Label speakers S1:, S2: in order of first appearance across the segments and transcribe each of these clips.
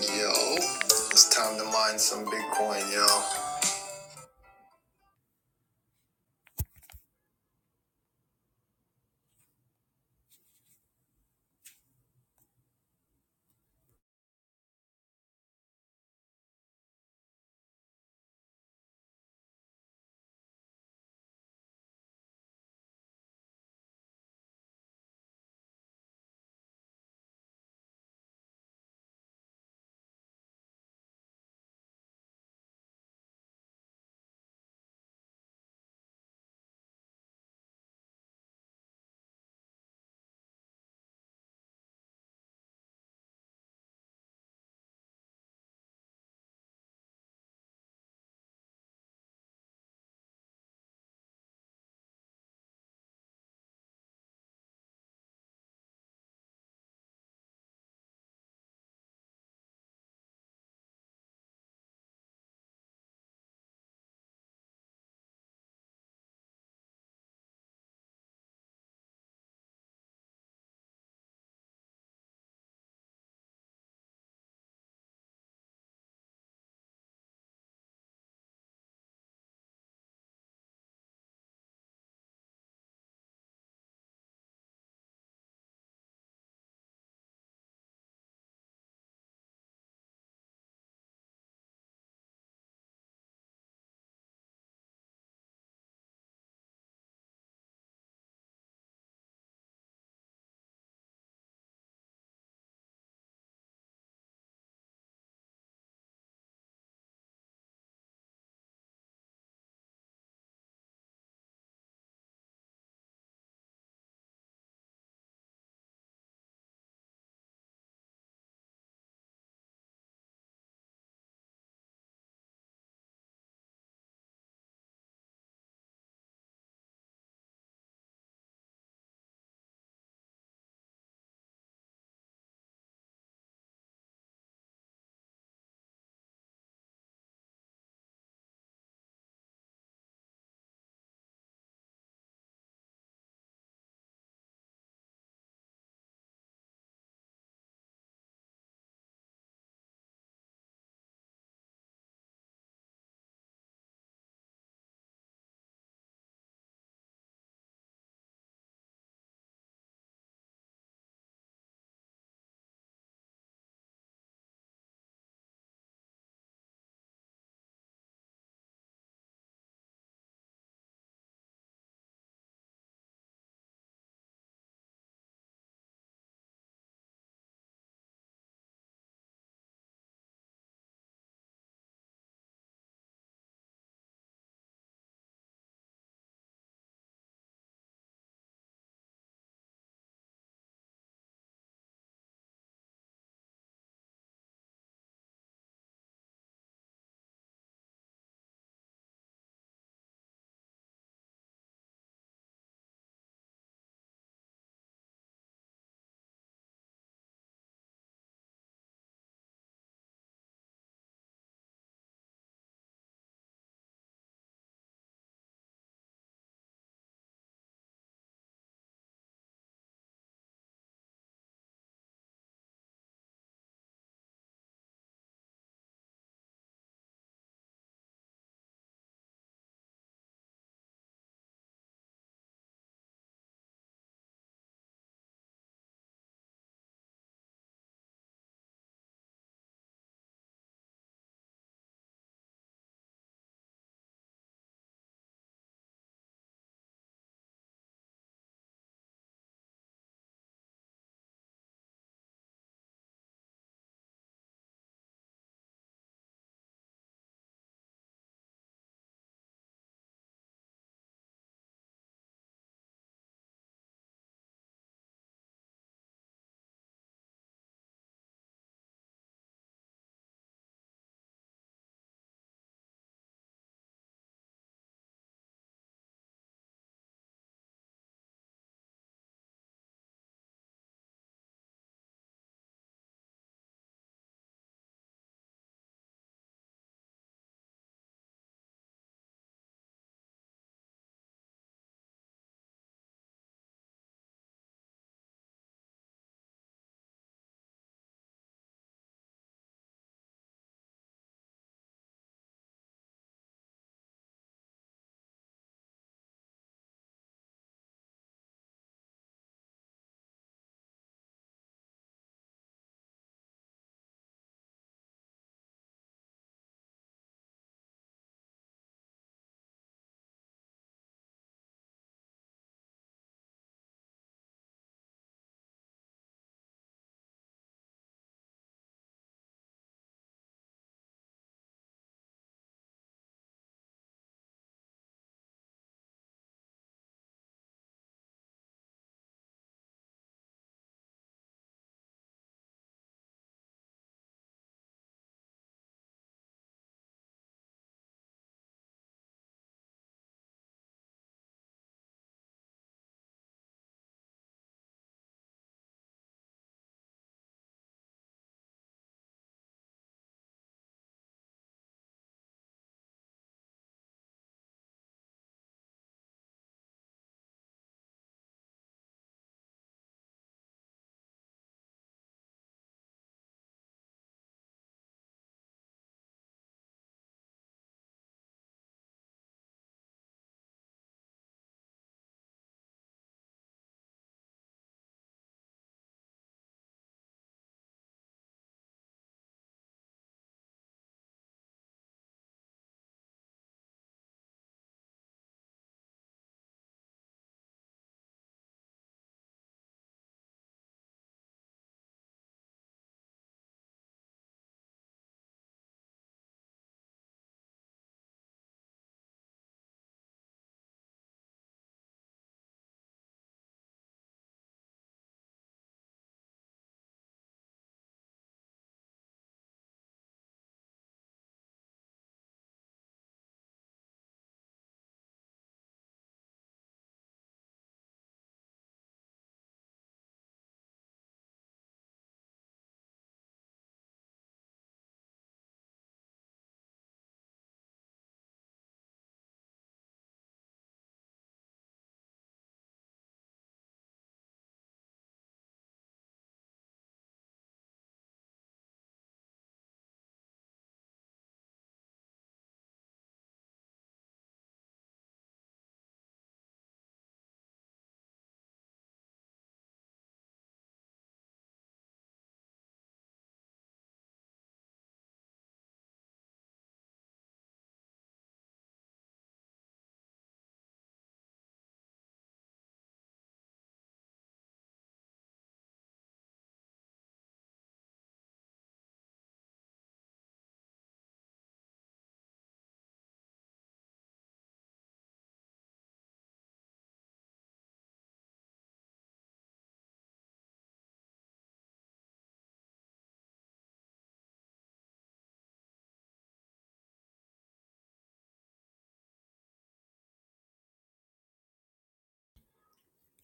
S1: Yo, it's time to mine some Bitcoin, y'all.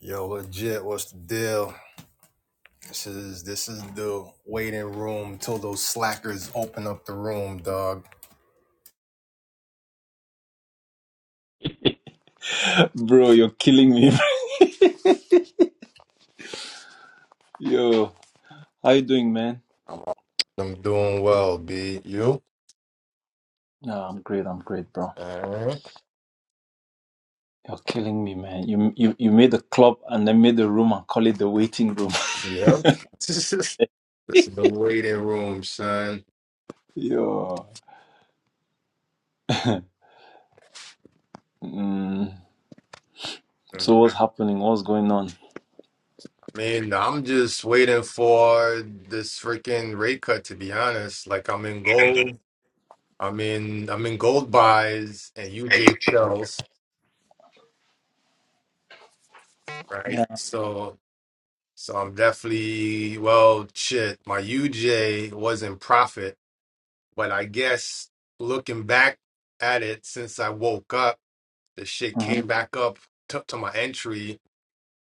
S1: Yo, legit, what's the deal? This is this is the waiting room till those slackers open up the room, dog.
S2: Bro, you're killing me. Yo, how you doing, man?
S1: I'm doing well, B. You?
S2: No, I'm great. I'm great, bro.
S1: Alright.
S2: You're killing me, man. You you you made the club and then made the room and call it the waiting room.
S1: Yep. this is the waiting room, son.
S2: Yo. mm, so what's happening? What's going on?
S1: I mean, I'm just waiting for this freaking rate cut to be honest. Like I'm in gold. I mean, I'm in I'm in gold buys and UJ sells, right?
S2: Yeah.
S1: So So I'm definitely, well, shit, my UJ wasn't profit, but I guess looking back at it since I woke up, the shit
S2: Mm-hmm.
S1: came back up to, to my entry,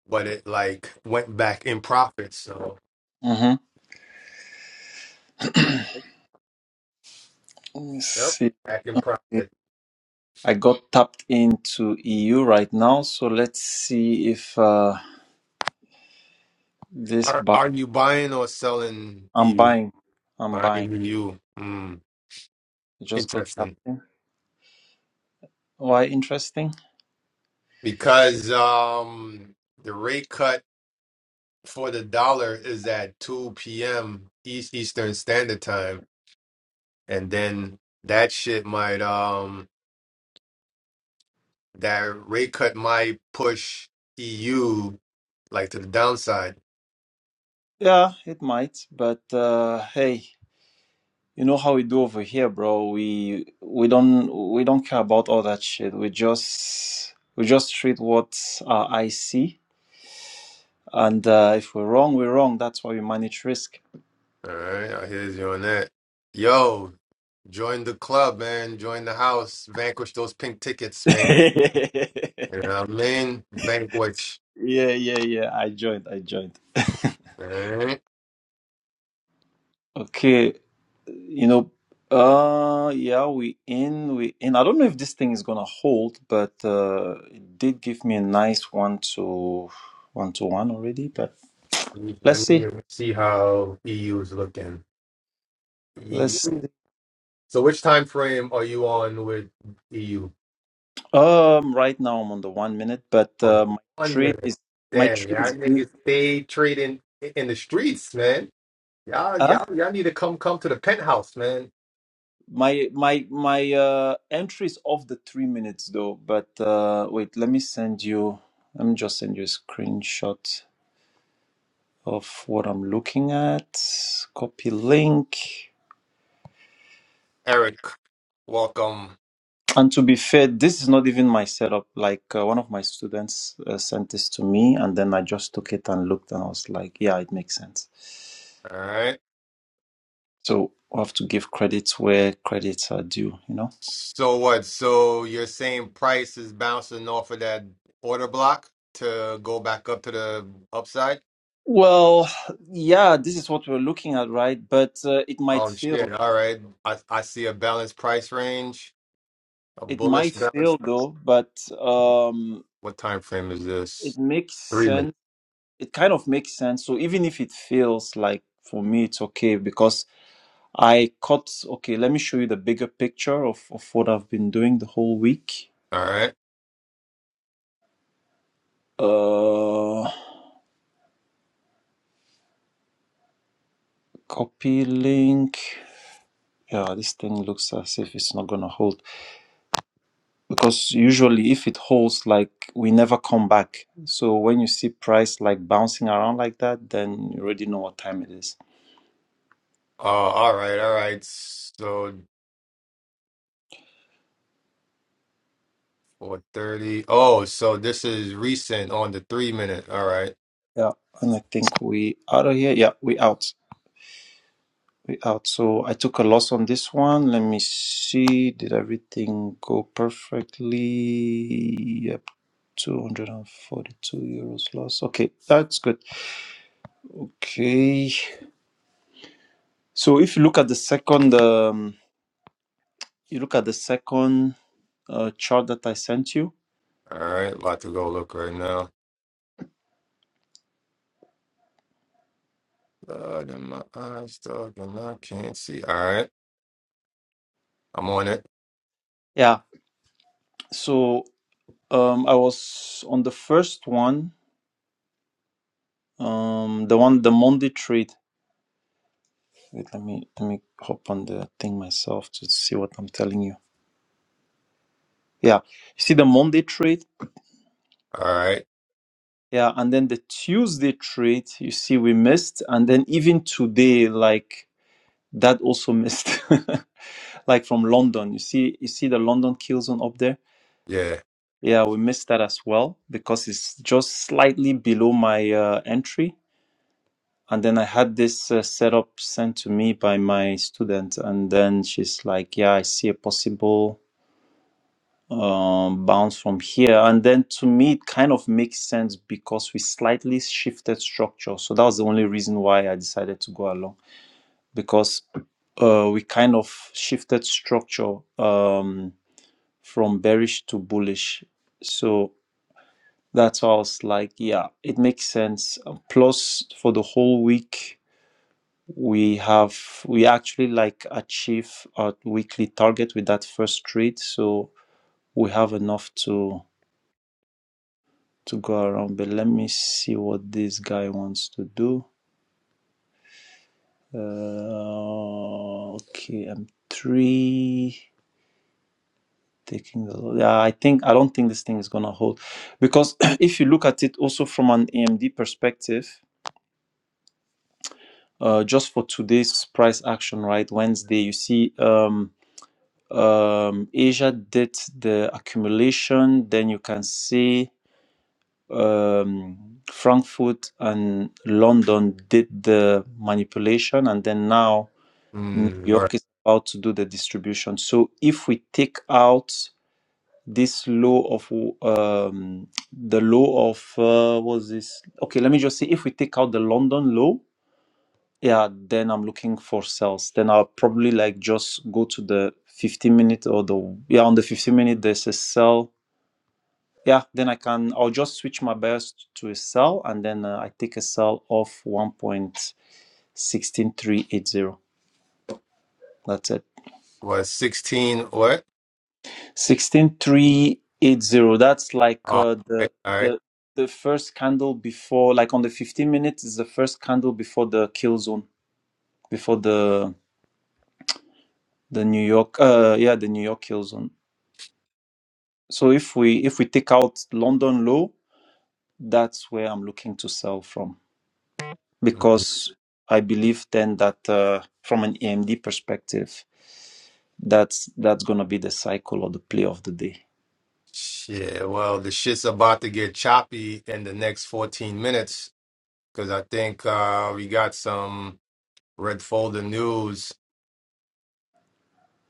S1: but it like went back in profit. So,
S2: Mm-hmm. Let me
S1: yep,
S2: see.
S1: back in profit.
S2: I got tapped into EU right now, so let's see if uh this
S1: Are
S2: buy.
S1: are you buying or selling
S2: I'm
S1: EU?
S2: buying. I'm buying.
S1: Buying EU. Mm,
S2: I just got tapped
S1: interesting.
S2: in. Why interesting?
S1: Because um the rate cut for the dollar is at 2 p.m. East Eastern Standard Time. and then that shit might um that rate cut might push EU like to the downside.
S2: Yeah, it might, but uh, hey, you know how we do over here, bro. We we don't we don't care about all that shit. We just we just treat what our eyes see, and uh, if we're wrong, we're wrong. That's why we manage risk.
S1: All right, I hear you on that. Yo, join the club, man. Join the house. Vanquish those pink tickets, man.
S2: yeah,
S1: You know what I mean? Vanquish.
S2: yeah, yeah. I joined. I joined.
S1: All right.
S2: Okay, you know, uh, yeah, we in, we in. I don't know if this thing is gonna hold, but uh, it did give me a nice one to one to one already, but. Let's
S1: Let
S2: see.
S1: me see how EU is looking. EU.
S2: Let's see.
S1: So, which time frame are you on with EU?
S2: Um, right now I'm on the one minute, but
S1: On the
S2: uh, my
S1: one
S2: trade
S1: minute.
S2: is my
S1: Damn,
S2: trade
S1: y'all
S2: is busy.
S1: niggas stay trading in the streets, man. Y'all,
S2: Huh?
S1: y'all, y'all need to come come to the penthouse, man.
S2: My my my uh entry is off the three minutes though. But uh, wait, let me send you. Let me just send you a screenshot of what I'm looking at. Copy link.
S1: Eric, welcome.
S2: And to be fair, this is not even my setup. Like uh, one of my students uh, sent this to me, and then I just took it and looked, and I was like, yeah, it makes sense.
S1: All right.
S2: So we have to give credit where credits are due, you know?
S1: So what? So you're saying price is bouncing off of that order block to go back up to the upside?
S2: Well, yeah, this is what we're looking at, right? But uh, it might
S1: Oh shit.
S2: fail.
S1: All right. I I see a balanced price range, a
S2: It
S1: bullish
S2: might
S1: balance.
S2: fail though, but um,
S1: What time frame is
S2: it
S1: this?
S2: makes
S1: Three minutes.
S2: sense. It kind of makes sense. So even if it fails, like for me, it's okay because I caught, okay, let me show you the bigger picture of, of what I've been doing the whole week.
S1: All right.
S2: Uh, copy link. Yeah, this thing looks as if it's not gonna hold. because usually if it holds like we never come back so when you see price like bouncing around like that then you already know what time it is
S1: Oh, all right, all right. So 430. Oh, so this is recent on the three minute. All right.
S2: yeah and i think we out of here yeah we out we out so i took a loss on this one let me see did everything go perfectly yep 242 euros loss okay that's good okay so if you look at the second um, you look at the second uh, chart that i sent you
S1: All right, about to go look right now. God, and my eyes dog, and I can't see. All right, I'm on it.
S2: yeah So um, I was on the first one, um, the one the Monday trade. Wait, let me let me hop on the thing myself to see what I'm telling you. Yeah, you see the Monday trade.
S1: All right,
S2: Yeah, and then the Tuesday trade. You see, we missed, and then even today, like that also missed. like from London, you see, you see the London kill zone up there.
S1: yeah.
S2: Yeah, we missed that as well because it's just slightly below my uh, entry and then I had this uh, setup sent to me by my student, and then she's like, "Yeah, I see a possible um, bounce from here." And then to me, it kind of makes sense because we slightly shifted structure. So that was the only reason why I decided to go along because uh, we kind of shifted structure um, from bearish to bullish. So that's why I was like, "Yeah, it makes sense." Uh, Plus, for the whole week we have we actually like achieve our weekly target with that first trade so we have enough to to go around but let me see what this guy wants to do uh, okay i'm three taking the yeah i think i don't think this thing is gonna hold because if you look at it also from an amd perspective uh, just for today's price action right wednesday you see um, um, Asia did the accumulation. Then you can see um, Frankfurt and London did the manipulation, and then now New
S1: Mm, right.
S2: York is about to do the distribution. So if we take out this law of um, the law of uh, what's this? Okay, let me just say if we take out the London law yeah then i'm looking for sales then i'll probably like just go to the 15 minute or the yeah on the 15 minute there's a sell yeah then i can i'll just switch my bias to a sell and then uh, i take a sell of 1.16380 that's it
S1: What, 16? What?
S2: 16380 that's like
S1: All
S2: uh,
S1: right,
S2: the
S1: all right.
S2: the the first candle before like on the 15 minutes is the first candle before the kill zone before the the new york uh yeah the new york kill zone So if we if we take out London low, that's where I'm looking to sell from
S1: Mhm.
S2: because I believe then that uh, from an AMD perspective, that's that's gonna be the cycle or the play of the day.
S1: Shit, well, the shit's about to get choppy in the next 14 minutes because I think uh, we got some red folder news.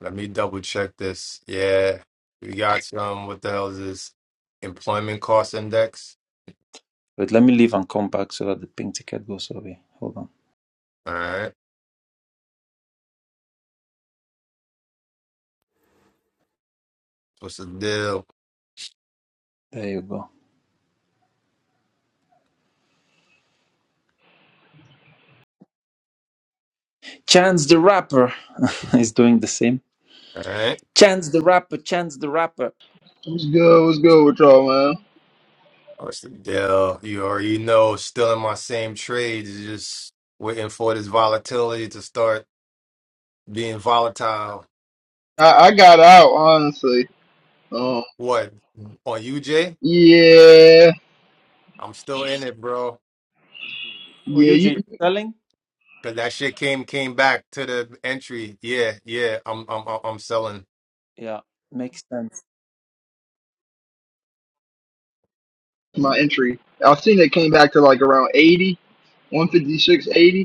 S1: Let me double check this. Yeah, we got some, what the hell is this? Employment cost index.
S2: But let me leave and come back so that the pink ticket goes away. Hold on.
S1: All right, what's the deal?
S2: There you go. Chance the Rapper is doing the same.
S1: All right.
S2: Chance the Rapper, Chance the Rapper.
S3: What's good? What's good with y'all, man?
S1: What's the deal? You already know, still in my same trades, just waiting for this volatility to start being volatile.
S3: I, I got out honestly. Um,
S1: What on UJ?
S3: yeah,
S1: I'm still in it, bro.
S2: Oh,
S3: yeah,
S2: UJ,
S3: you,
S2: you
S3: you-
S2: selling?
S1: Cause that shit came came back to the entry. Yeah, yeah. I'm I'm I'm I'm selling.
S2: Yeah, makes sense.
S3: my entry. I seen it came back to like around eighty, one fifty six eighty,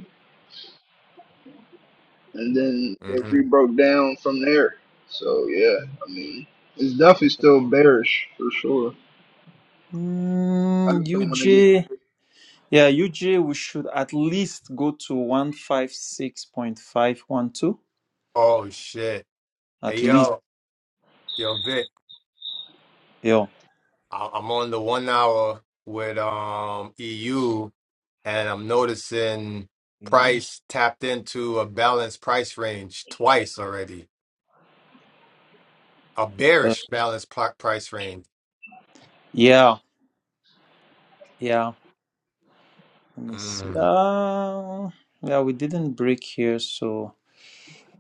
S3: and then it
S1: hmm
S3: re broke down from there. So yeah, I mean, it's definitely still bearish for sure. I
S2: Mm,
S3: just don't want to get
S2: UJ. Yeah, UJ, we should at least go to 156.512.
S1: Oh shit. Hey
S2: At least.
S1: yo, yo Vic.
S2: Yeah.
S1: I- I'm on the one hour with um EU, and I'm noticing price tapped into a balanced price range twice already. A
S2: Uh,
S1: bearish balanced pl- price range.
S2: yeah. Yeah. Let me see.
S1: Mm,
S2: Uh, yeah, we didn't break here. So,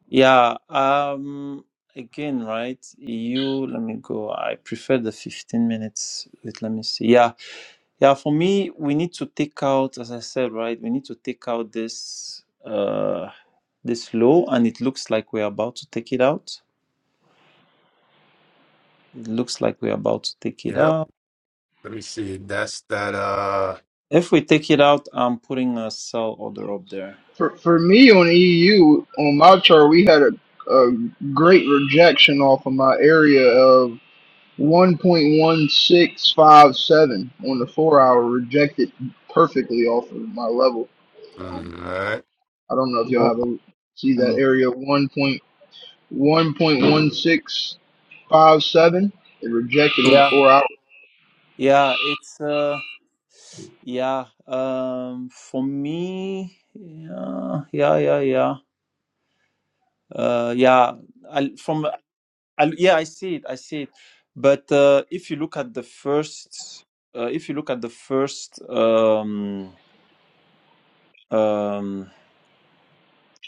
S2: yeah. Um, again, right? EU, let me go. I prefer the 15 minutes. Wait, let me see. Yeah. Yeah. For me, we need to take out, as I said, right? We need to take out this, uh, this low, and it looks like we're about to take it out. It looks like we're about to take it
S1: yep.
S2: out.
S1: Let me see. That's that. Uh.
S2: If we take it out, I'm putting a sell order up there.
S3: for for me on EU on my chart. We had a, a great rejection off of my area 1.1657 on the four hour rejected perfectly off of my level. Um,
S1: mm, all right.
S3: I don't know if y'all
S2: Oh,
S3: have a see
S2: let
S3: that
S2: me.
S3: area 1.1.1657. It rejected on the
S2: Yeah.
S3: four hour.
S2: Yeah, it's uh yeah, um for me, yeah, yeah, yeah, yeah. Uh yeah, I from I, yeah, I see it. I see it. But uh if you look at the first uh if you look at the first um um,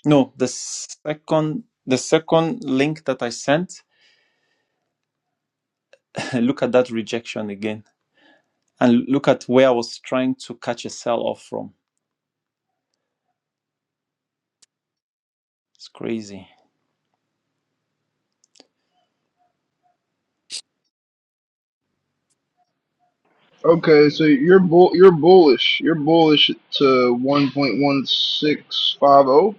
S2: no the second the second link that i sent look at that rejection again and look at where i was trying to catch a sell off from it's crazy
S3: Okay, so you're bull, you're bullish. You're bullish to 1.1650. Oh,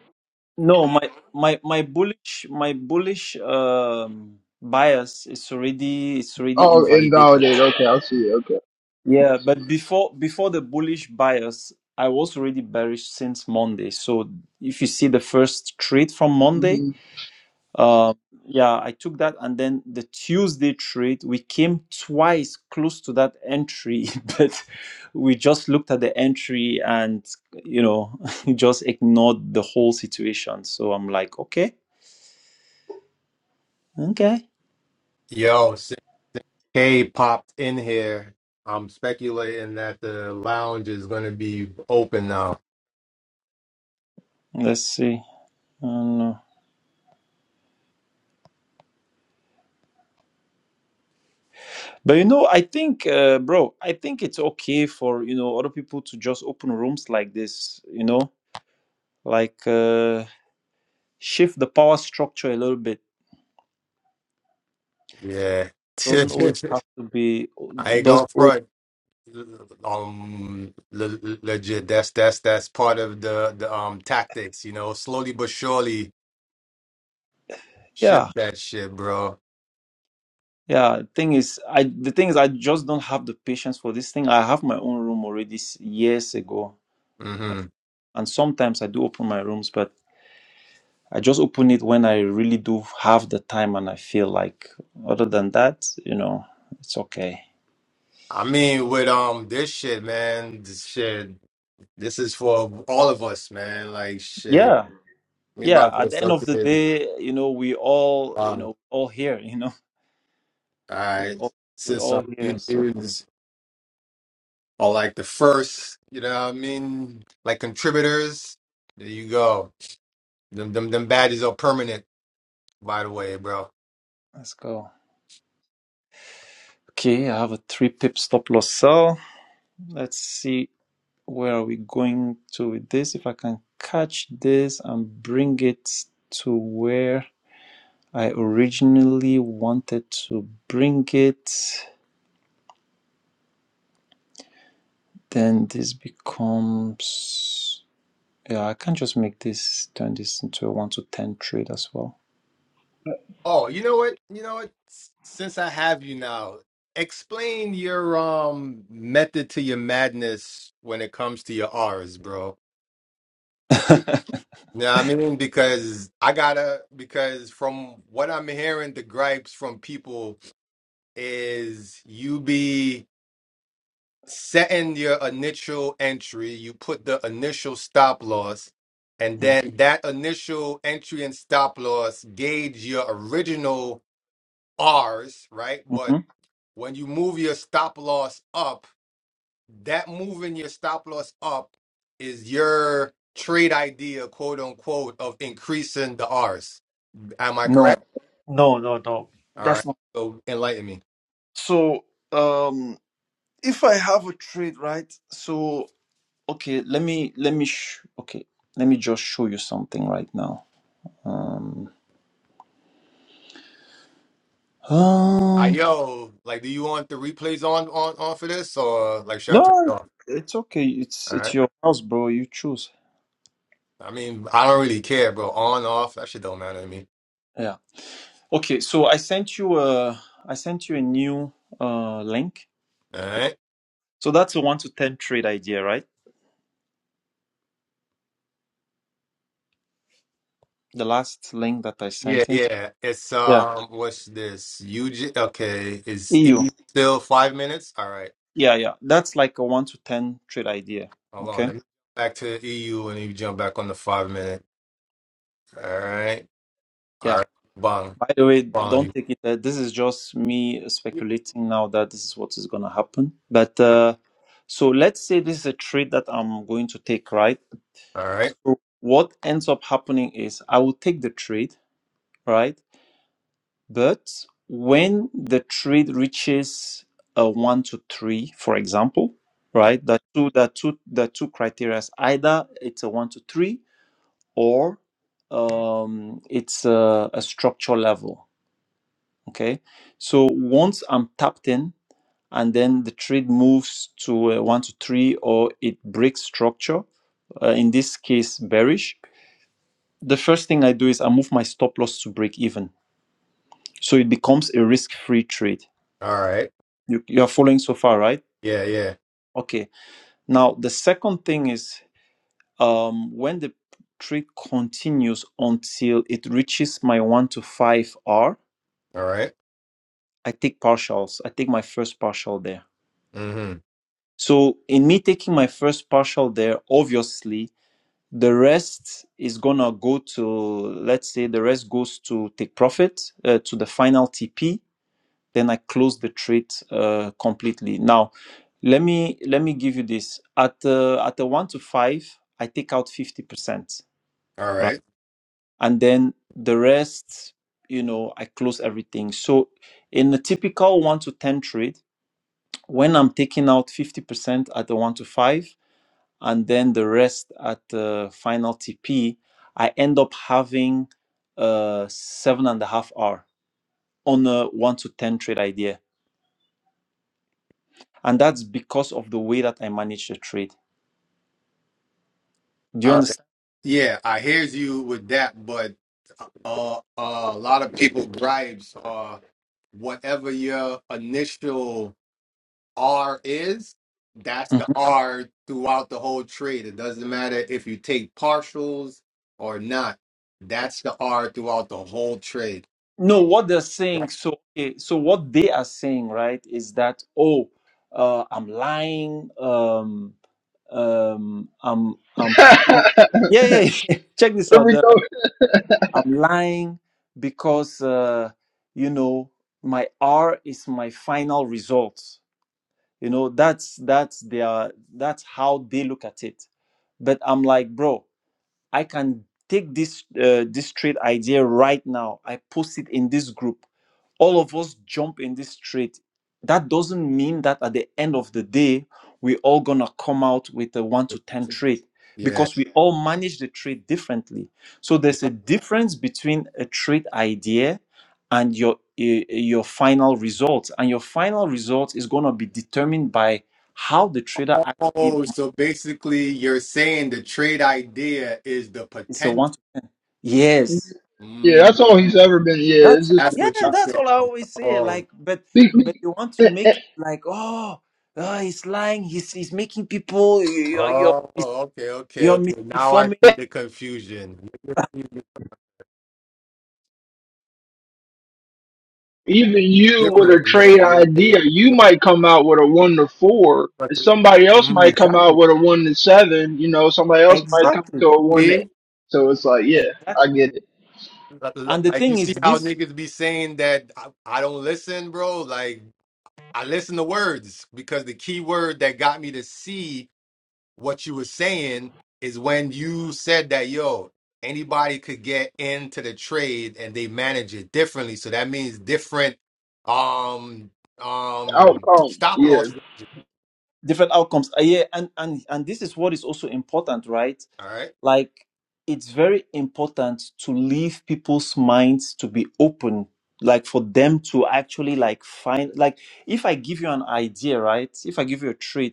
S2: no my my my bullish my bullish um bias is already it's already
S3: Oh,
S2: invalidated
S3: invalidate. Okay, I see it. Okay.
S2: yeah but before before the bullish bias i was already bearish since monday so if you see the first trade from monday
S3: hmm
S2: Um, yeah, I took that, and then the Tuesday trade, we came twice close to that entry, but we just looked at the entry and you know just ignored the whole situation. So I'm like, okay, okay,
S1: Yo, 6K popped in here. I'm speculating that the lounge is going to be open now.
S2: let's see. I don't know. But you know, I think, uh, bro, I think it's okay for you know other people to just open rooms like this. You know, like uh, shift the power structure a little bit.
S1: Yeah.
S2: Doesn't always have to be.
S1: I ain't going
S2: Doesn't
S1: to
S2: always.
S1: front. Um, le- le- legit. That's that's that's part of the the um tactics. You know, slowly but surely
S2: Yeah
S1: shift that shit, bro.
S2: Yeah, thing is, I the thing is, I just don't have the patience for this thing. I have my own room already s- years ago,
S1: Mm-hmm.
S2: and sometimes I do open my rooms, but I just open it when I really do have the time and I feel like. Other than that, you know, it's okay.
S1: I mean, with um this shit, man, this shit, this is for all of us, man. Like shit,
S2: Yeah,
S1: we
S2: yeah.
S1: about to
S2: At the end
S1: start
S2: of the
S1: doing.
S2: day, you know, we all, you
S1: Um,
S2: know, all here. You know,
S1: all
S2: we
S1: right,
S2: all we
S1: since
S2: all
S1: um, you
S2: here. So
S1: dudes are like the first, you know what I mean, like contributors. There you go. Them them them badges are permanent, by the way, bro.
S2: let's go. Okay, I have a three pip stop loss sell. Let's see. where are we going to with this? If I can catch this and bring it to where I originally wanted to bring it, then this becomes. Yeah, I can't just make this turn this into a 1 to 10 trade as well.
S1: Oh, you know what? You know what? S- Since I have you now, explain your um method to your madness when it comes to your R's, bro Yeah, I mean, because I gotta, because from what I'm hearing, the gripes from people is you be setting your initial entry, you put the initial stop loss, and
S2: Mhm.
S1: then that initial entry and stop loss gauge your original R's, right? But
S2: Mhm.
S1: when you move your stop loss up, that moving your stop loss up is your trade idea, quote unquote, of increasing the R's. Am I
S2: No,
S1: correct?
S2: no, no, no.
S1: All right.
S2: That's not.
S1: So enlighten me.
S2: So um, if I have a trade, right? So Okay, let me, let me, sh- okay, let me just show you something right now. Um,
S1: I
S2: um,
S1: yo, like, do you want the replays on on on for this, or like should I turn it
S2: no,
S1: off?
S2: it's okay. It's
S1: All
S2: it's
S1: right.
S2: your house, bro. You choose.
S1: I mean, I don't really care, bro. On off, that shit don't matter to me.
S2: Yeah. Okay. So I sent you a I sent you a new uh link.
S1: All right.
S2: So that's the one to ten trade idea, right? The last link that I
S1: Yeah,
S2: sent in.
S1: yeah. It's
S2: Yeah.
S1: um, what's this? UG. Okay, is
S2: EU.
S1: EU still five minutes? All right.
S2: Yeah, yeah. That's like a one to ten trade idea.
S1: Hold on.
S2: Okay.
S1: Let me go back to the EU, and you jump back on the five minute. All right. All
S2: Yeah.
S1: right. Bong,
S2: By the way,
S1: bong.
S2: don't
S1: You.
S2: take it that this is just me speculating now that this is what is gonna happen. But uh, so let's say this is a trade that I'm going to take, right?
S1: All right.
S2: So what ends up happening is I will take the trade, right? But when the trade reaches a one to three, for example, right? That two that two that two criteria is either it's a one to three or um, it's a, a structure level. Okay. So once I'm tapped in and then the trade moves to a one to three or it breaks structure, uh, in this case bearish, the first thing I do is I move my stop loss to break even. So it becomes a risk free trade.
S1: All right.
S2: You, you are following so far, right?
S1: Yeah, yeah.
S2: Okay. Now, the second thing is um, when the trade continues until it reaches my one to five R,
S1: All right.
S2: I take partials. I take my first partial there.
S1: Mm-hmm.
S2: So in me taking my first partial there, obviously, the rest is gonna go to let's say the rest goes to take profit uh, to the final TP then I close the trade uh, completely. Now, let me let me give you this at uh, at a one to five, I take out fifty percent,
S1: All right.
S2: right, and then the rest, you know, I close everything. So, in a typical one to ten trade, when I'm taking out fifty percent at the one to five, and then the rest at the final TP, I end up having uh seven and a half hour on a one to ten trade idea And that's because of the way that I manage the trade. Do you
S1: Uh,
S2: understand?
S1: yeah, I hears you with that, but uh, uh, a lot of people gripes are whatever your initial R is, that's the
S2: Mhm.
S1: R throughout the whole trade. It doesn't matter if you take partials or not. That's the R throughout the whole trade.
S2: No, what they're saying, so okay, so what they are saying, right, is that, oh, uh, I'm lying, um, um, I'm, I'm, pu-
S3: Here
S2: yeah, yeah, yeah. check this out.
S3: we
S2: They're
S3: go.
S2: like, I'm lying because, uh, you know, my R is my final result. You know, that's, that's their, that's how they look at it. But I'm like, bro, I can take this uh, this trade idea right now. I post it in this group. All of us jump in this trade. That doesn't mean that at the end of the day we all gonna come out with a one to ten trade
S1: Yeah.
S2: because we all manage the trade differently. So there's a difference between a trade idea and your eh, your final result, and your final result is gonna be determined by how the trader actually
S1: Oh, so basically, you're saying the trade idea is the
S2: is a
S1: potential.
S2: one. Yes,
S3: Yeah,
S1: Mm,
S3: that's all he's ever been. Yeah, it's
S2: That's
S3: just.
S1: that's
S2: yeah,
S1: what you're
S2: that's
S1: saying.
S2: all I always say.
S1: Oh.
S2: Like, but
S3: Be-
S2: but
S3: be-
S2: they want to
S3: eh, eh,
S2: make it like, oh, uh, he's lying. He's he's making people you're you're
S1: Oh,
S2: mis-
S1: okay, okay,
S2: you're
S1: okay. Now I
S2: misinforming.
S1: see
S3: eh,
S1: the confusion. You see it
S3: Even you with a
S1: Differently, yeah,
S3: trade
S1: yeah, yeah,
S3: idea, you
S1: yeah.
S3: might come out with a one to four.
S1: But,
S3: and Somebody else
S1: mm,
S3: might come out
S2: Exactly,
S3: with a one to seven. You know, somebody else might
S1: I
S3: come
S2: exactly,
S3: to a one to eight.
S1: see,
S3: So it's like, yeah,
S2: exactly.
S3: I get it.
S2: And the
S1: like you
S2: thing is,
S1: see how
S2: this
S1: niggas be saying that I, I don't listen, bro. Like I listen to words because the key word that got me to see what you were saying is when you said that yo anybody could get into the trade and they manage it differently so that means different um um
S3: Outcomes,
S1: stop
S3: yeah.
S1: loss ranges
S2: different outcomes. Uh, yeah, and and and this is what is also important, right?
S1: all right?
S2: Like, it's very important to leave people's minds to be open like for them to actually like find like if i give you an idea right if i give you a trait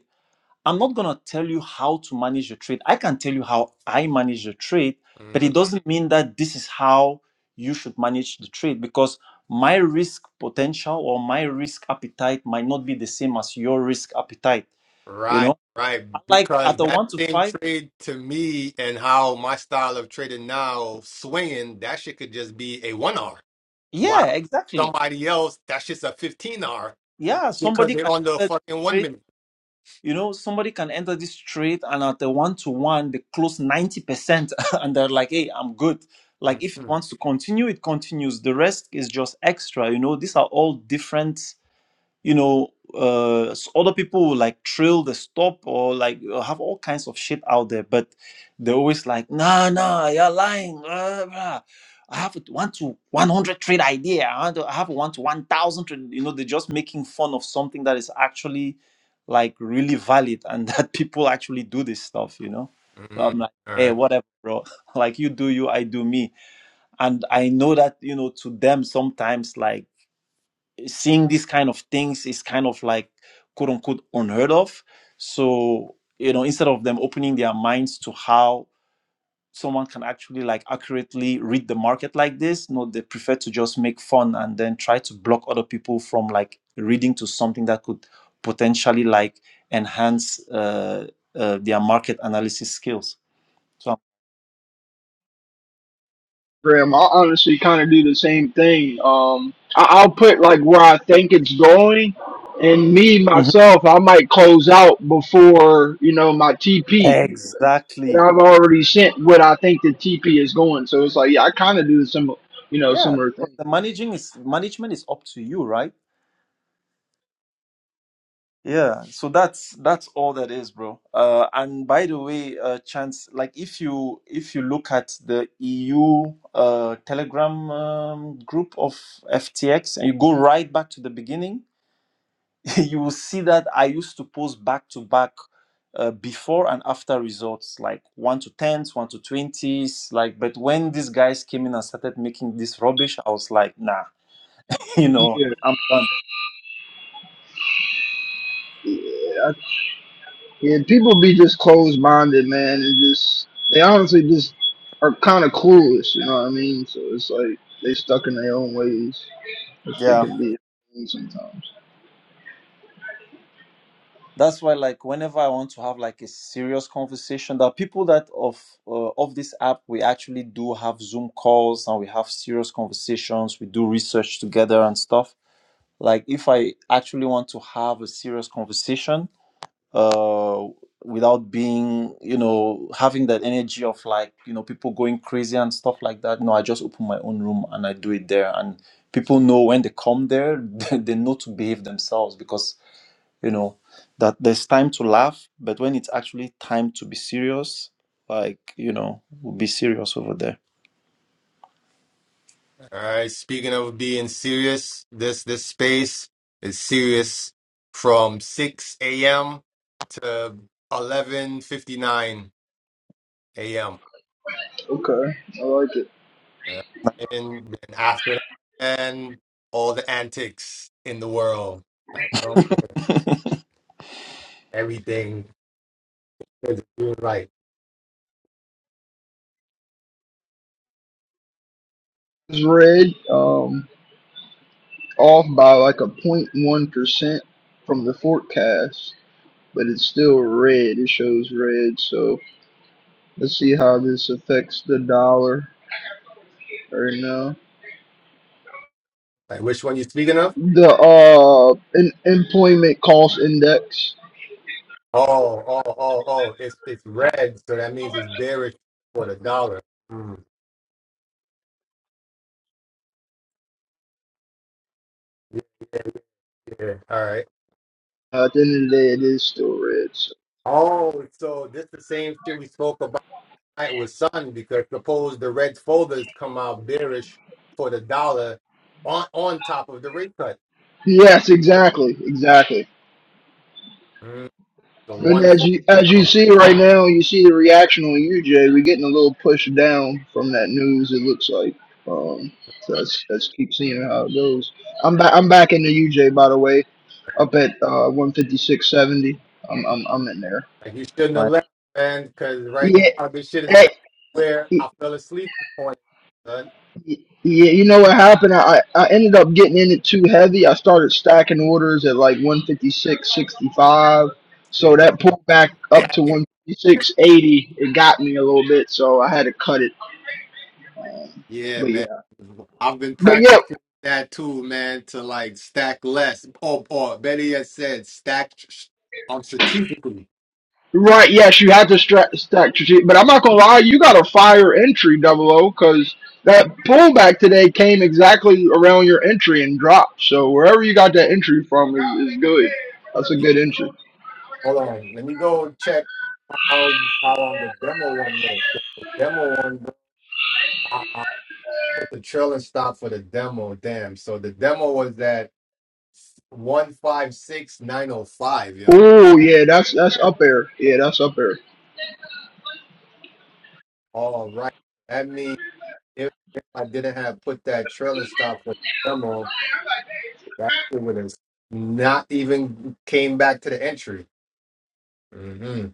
S2: I'm not going to tell you how to manage your trade. I can tell you how I manage the trade, but
S1: Mhm.
S2: it doesn't mean that this is how you should manage the trade because my risk potential or my risk appetite might not be the same as your risk appetite. You
S1: right
S2: know,
S1: right
S2: like
S1: because
S2: at a
S1: that
S2: one to
S1: same
S2: five,
S1: trade to me and how my style of trading now swinging that shit could just be a one hour wow
S2: yeah, exactly.
S1: somebody else that's just a 15 hour
S2: Yeah,
S1: because
S2: somebody
S1: they're
S2: can
S1: on the
S2: enter
S1: fucking
S2: this
S1: one
S2: trade
S1: minute
S2: You know, somebody can enter this trade and at the one to one, they close 90% and they're like, hey, I'm good. Like, if it
S1: Mhm.
S2: wants to continue, it continues. The rest is just extra. You know, these are all different you know uh s- other people will like trill the stop or like uh, have all kinds of shit out there but they're always like nah nah you're lying uh, blah. i have a one to 100 trade idea i want to- I have a one to 1000 trade you know they're just making fun of something that is actually like really valid and that people actually do this stuff you know but
S1: Mhm.
S2: i'm like
S1: All right.
S2: hey whatever bro like you do you i do me and i know that you know to them sometimes like seeing these kind of things is kind of like quote unquote unheard of. So, you know, instead of them opening their minds to how someone can actually like accurately read the market like this, no, they prefer to just make fun and then try to block other people from like reading to something that could potentially like enhance uh, uh, their market analysis skills. So,
S3: Graham, I honestly kind of do the same thing. Um, I- I'll put like where I think it's going, and me
S2: Mhm.
S3: myself, I might close out before you know my TP. but
S2: exactly.
S3: I've already sent what I think the TP is going. So it's like, yeah, I kind of do some, you know,
S2: Yeah,
S3: similar
S2: but
S3: thing.
S2: the managing is management is up to you, right? Yeah, so that's that's all that is, bro. Uh, and by the way, uh, Chance, like if you if you look at the EU uh, Telegram um, group of FTX and you go right back to the beginning, you will see that I used to post back to back uh, before and after results, like one to tens, one to twenties, like. But when these guys came in and started making this rubbish, I was like, nah, you know,
S3: Yeah.
S2: I'm done.
S3: I, yeah, people be just closed minded, man, and just they honestly just are kind of clueless. You know what I mean? So it's like they stuck in their own ways, which they
S2: Yeah.
S3: can be sometimes.
S2: that's why like whenever i want to have like a serious conversation there are people that of uh, of this app we actually do have zoom calls and we have serious conversations we do research together and stuff like if i actually want to have a serious conversation uh without being you know having that energy of like you know people going crazy and stuff like that no i just open my own room and i do it there and people know when they come there they know to behave themselves because you know that there's time to laugh but when it's actually time to be serious like you know we'll be serious over there
S1: All right. Speaking of being serious, this this space is serious from 6 a.m. to 11:59 a.m.
S3: Okay, I like it.
S1: Uh, and, and after that, and all the antics in the world. I, I don't care. Everything is doing right.
S3: It's red, um, off by like a point 0.1 percent from the forecast, but it's still red. It shows red, so. Let's see how this affects the dollar right now.
S1: Like which one you speaking of?
S3: The uh in, employment cost index.
S1: Oh, oh, oh, oh! It's it's red, so that means it's bearish for the dollar. Mm. Yeah, yeah. yeah. All right.
S3: Uh, at the end of the day, it is still red. So.
S1: Oh, so this the same shit we spoke about tonight with Sun because suppose the red folders come out bearish for the dollar on on top of the rate cut.
S3: Yes, exactly, exactly.
S1: Mm, the
S3: And
S1: one
S3: as
S1: fold
S3: you as you
S1: down.
S3: see right now, you see the reaction on UJ. We're getting a little push down from that news. It looks like. Um, so let's let's keep seeing how it goes. I'm back. I'm back in the UJ by the way. Up at uh 156.70. I'm I'm I'm in there.
S1: Like you shouldn't have
S2: right
S1: left, man, because right
S3: Yeah.
S1: now this shit is
S3: eh,
S1: back where I fell asleep on. Son,
S3: Y- Yeah, you know what happened? I, I ended up getting in it too heavy. I started stacking orders at like 156.65. So
S1: nigga,
S3: that pulled back up to
S1: stacking.
S3: 156.80. It got me a little bit, so I had to cut it. Um,
S1: Yeah,
S3: but
S1: man.
S3: yeah.
S1: I've been
S3: But yeah,
S1: practicing that too, man, to like stack less, or or better yet said, stack um, strategically.
S3: right. Yes, you had to stra- stack strategic. But I'm not going to lie, you got a fire entry, double O, because that pullback today came exactly around your entry and dropped. So wherever you got that entry from is, is good. That's a good entry.
S1: Hold on. Let me go and check how how on the demo one is. The demo one, I, I put the trailer stop for the demo. Damn. So the demo was at one five six nine zero five. Yo.
S3: Oh yeah, that's that's up there. Yeah, that's up there.
S1: All right. That means if, if I didn't have put that trailer stop for the demo, that shit would have not even came back to the entry. Mm-hmm.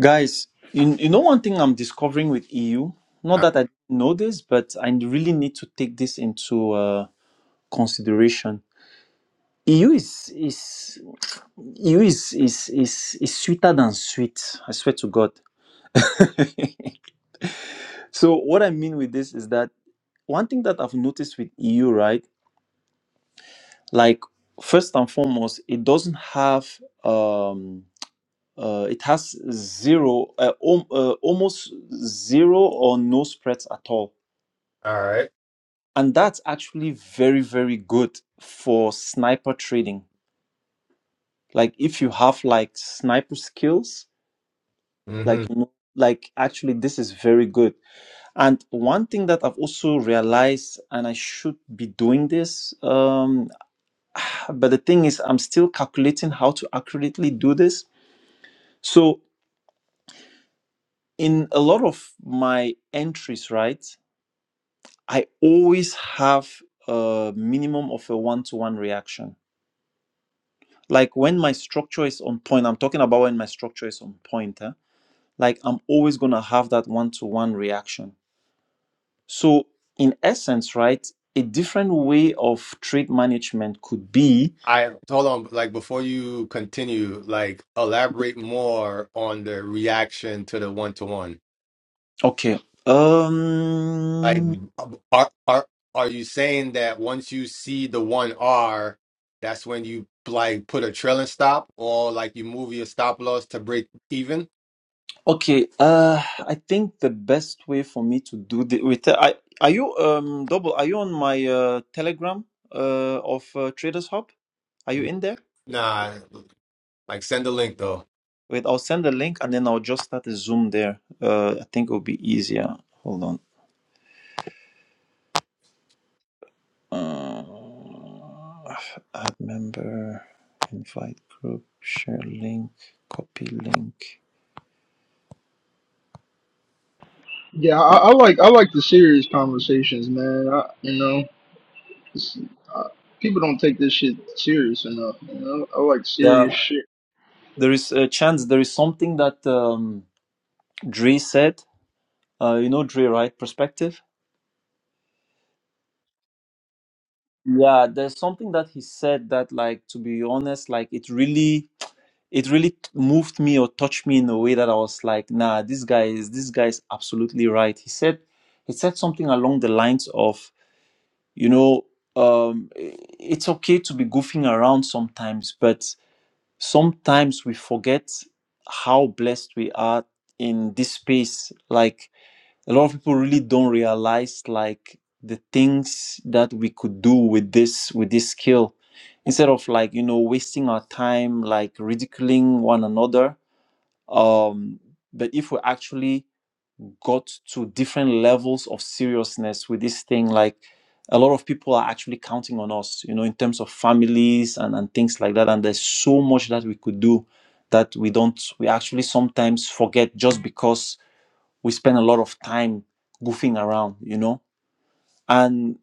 S2: guys you, you know one thing i'm discovering with eu not that i didn't know this but i really need to take this into uh, consideration eu is is eu is, is is is sweeter than sweet i swear to god so what i mean with this is that one thing that i've noticed with eu right like first and foremost it doesn't have um uh, it has zero uh, om- uh, almost zero or no spreads at all
S1: All right.
S2: and that's actually very very good for sniper trading like if you have like sniper skills
S1: Mm-hmm.
S2: like you know, like actually this is very good and one thing that i've also realized and i should be doing this um but the thing is i'm still calculating how to accurately do this so in a lot of my entries, right, I always have a minimum of a one to one reaction. Like when my structure is on point, I'm talking about when my structure is on point, huh? like I'm always going to have that one to one reaction. So, in essence, right, a different way of trade management could be
S1: I hold on, like before you continue, like elaborate more on the reaction to the one to one.
S2: okay.
S1: Like,
S2: Um,
S1: are are are you saying that once you see the one R, that's when you like put a trailing stop, or like you move your stop loss to break even?
S2: Okay, uh, I think the best way for me to do the with I are you um double are you on my uh Telegram uh of uh, Traders Hub? Are you in there?
S1: Nah, like send the link though.
S2: Wait, I'll send the link and then I'll just start a Zoom there. Uh, I think it'll be easier. Hold on. Uh, add member, invite group, share link, copy link.
S3: Yeah, I, I like I like the serious conversations, man. I, you know, it's, uh, people don't take this shit serious enough. You know, I like
S2: Yeah,
S3: serious shit.
S2: there is a chance. There is something that um Dre said. Uh, you know Dre, right? Perspective Yeah, there's something that he said that, like, to be honest, like it really, it really t- moved me or touched me in a way that I was like, nah, this guy is, this guy is absolutely right. He said, he said something along the lines of, you know, um, i- it's okay to be goofing around sometimes, but sometimes we forget how blessed we are in this space. Like, a lot of people really don't realize like the things that we could do with this with this skill instead of like you know wasting our time like ridiculing one another um but if we actually got to different levels of seriousness with this thing like a lot of people are actually counting on us you know in terms of families and, and things like that and there's so much that we could do that we don't we actually sometimes forget just because we spend a lot of time goofing around you know and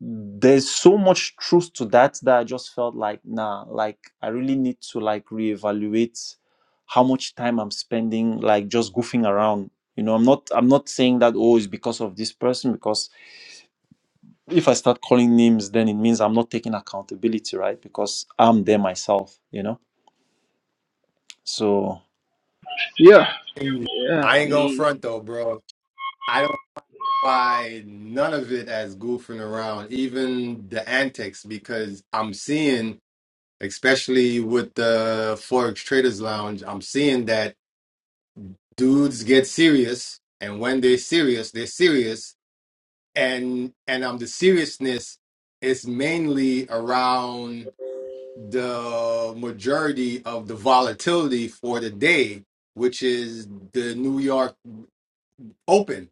S2: there's so much truth to that that i just felt like nah like i really need to like reevaluate how much time i'm spending like just goofing around you know i'm not i'm not saying that oh it's because of this person because if i start calling names then it means i'm not taking accountability right because i'm there myself you know so
S3: Yeah, yeah.
S1: I
S3: I
S1: ain't gonna
S3: mean,
S1: front though, bro. I don't buy none of it as goofing around, even the antics, because I'm seeing. especially with the Forex Traders Lounge, I'm seeing that dudes get serious, and when they're serious, they're serious, and and um, the seriousness is mainly around the majority of the volatility for the day, which is the New York Open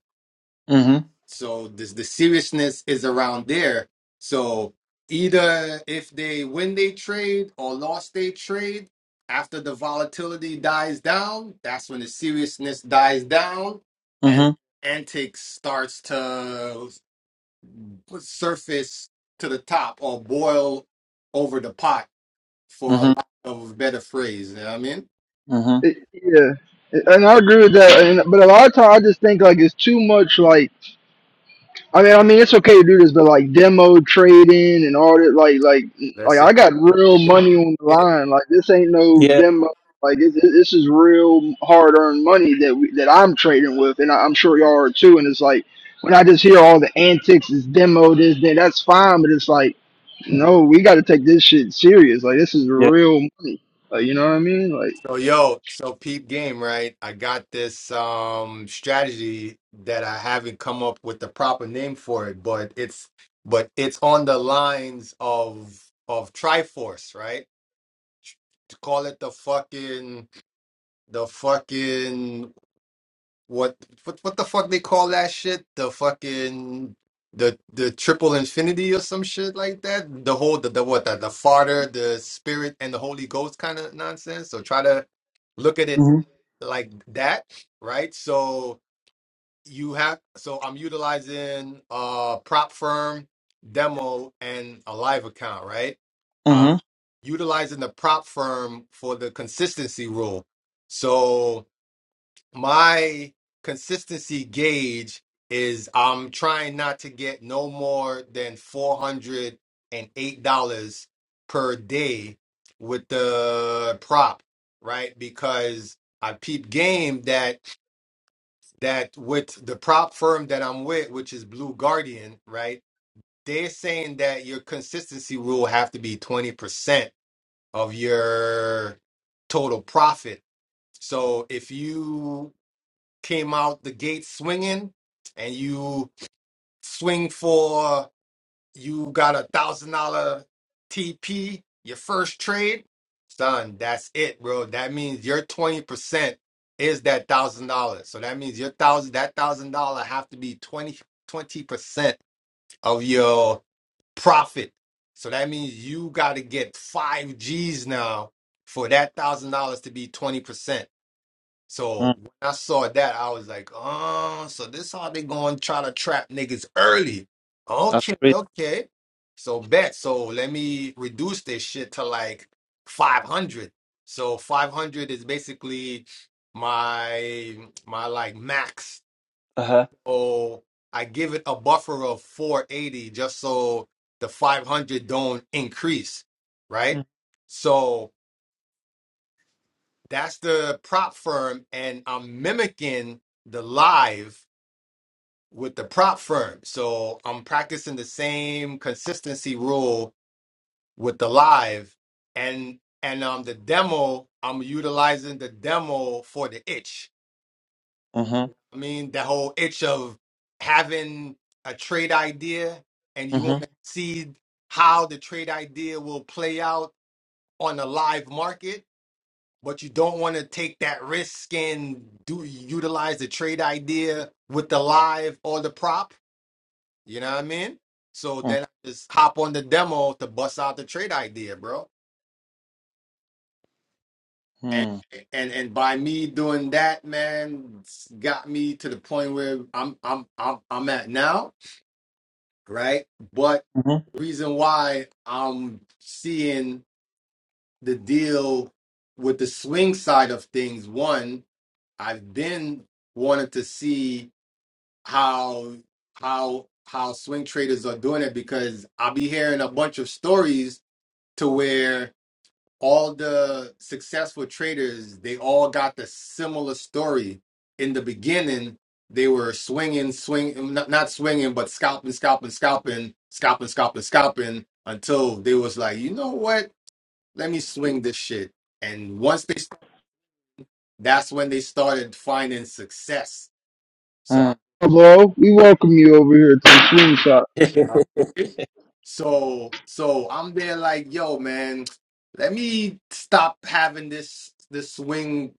S2: mhm
S1: So this the seriousness is around there. So either if they win they trade or lost they trade, after the volatility dies down, that's when the seriousness dies down and
S2: mhm
S1: antics starts to surface to the top or boil over the pot for a
S2: mhm
S1: lack of a better phrase. You know what I mean?
S2: mhm
S3: it, yeah, and I agree with that. And, but a lot of times, I just think like it's too much. Like. I mean, I mean, it's okay to do this, but like demo trading and all that, like, like, like
S1: That's
S3: I got real money on the
S1: it.
S3: line. Like, this ain't no
S2: yeah
S3: demo. Like, this, this is real hard-earned money that we, that I'm trading with, and I, I'm sure y'all are too. And it's like when I just hear all the antics, it's demo this, then that's fine. But it's like, no, we got to take this shit serious. Like, this is
S2: yeah
S3: real money. Like, you know what I mean? Like,
S1: So yo, so peep game, right? I got this um strategy that I haven't come up with the proper name for it, but it's but it's on the lines of of Triforce, right? To call it the fucking the fucking what what what the fuck they call that shit? The fucking the the triple infinity or some shit like that. The whole the, the what the, the Father, the Spirit, and the Holy Ghost kind of nonsense. So try to look at it
S2: mhm
S1: like that, right? So you have so I'm utilizing uh prop firm demo and a live account, right? Um
S2: mhm
S1: utilizing the prop firm for the consistency rule. So my consistency gauge is I'm trying not to get no more than four hundred and eight dollars per day with the prop, right? Because I peep game that that with the prop firm that I'm with, which is Blue Guardian, right? They're saying that your consistency rule have to be 20% of your total profit. So if you came out the gate swinging and you swing for you got a thousand dollar TP, your first trade, son, that's it, bro. That means your 20% is that thousand dollars. So that means your thousand that thousand dollar have to be 20 percent of your profit. So that means you gotta get five G's now for that thousand dollars to be 20%. So
S2: mm,
S1: when I saw that, I was like, oh, so this how they going to try to trap niggas early.
S2: that's
S1: Okay,
S2: great
S1: okay. So bet. So let me reduce this shit to like 500. So 500 is basically my my like max.
S2: uh-huh
S1: So I give it a buffer of 480 just so the 500 don't increase, right? So." That's the prop firm, and I'm mimicking the live with the prop firm. So I'm practicing the same consistency rule with the live, and and um the demo. I'm utilizing the demo for the itch.
S2: Uh-huh.
S1: I mean, the whole itch of having a trade idea, and you want
S2: Uh-huh.
S1: to see how the trade idea will play out on the live market but you don't want to take that risk and do utilize the trade idea with the live or the prop. You know what I mean? So then I just hop on the demo to bust out the trade idea, bro. And
S2: Uh-huh.
S1: and and by me doing that, man, it's got me to the point where I'm I'm I'm I'm at now, right? But
S2: Uh-huh.
S1: reason why I'm seeing the deal with the swing side of things, one, I've then wanted to see how how how swing traders are doing it because I'll be hearing a bunch of stories to where all the successful traders they all got the similar story in the beginning they were swinging swing not, not swinging but scalping scalping scalping scalping scalping scalping until they was like you know what let me swing this shit and once they that's when they started finding success So
S2: uh.
S3: hello, we welcome you over here to the swing shop.
S1: Okay. So so I'm there like, yo, man, let me stop having this this swing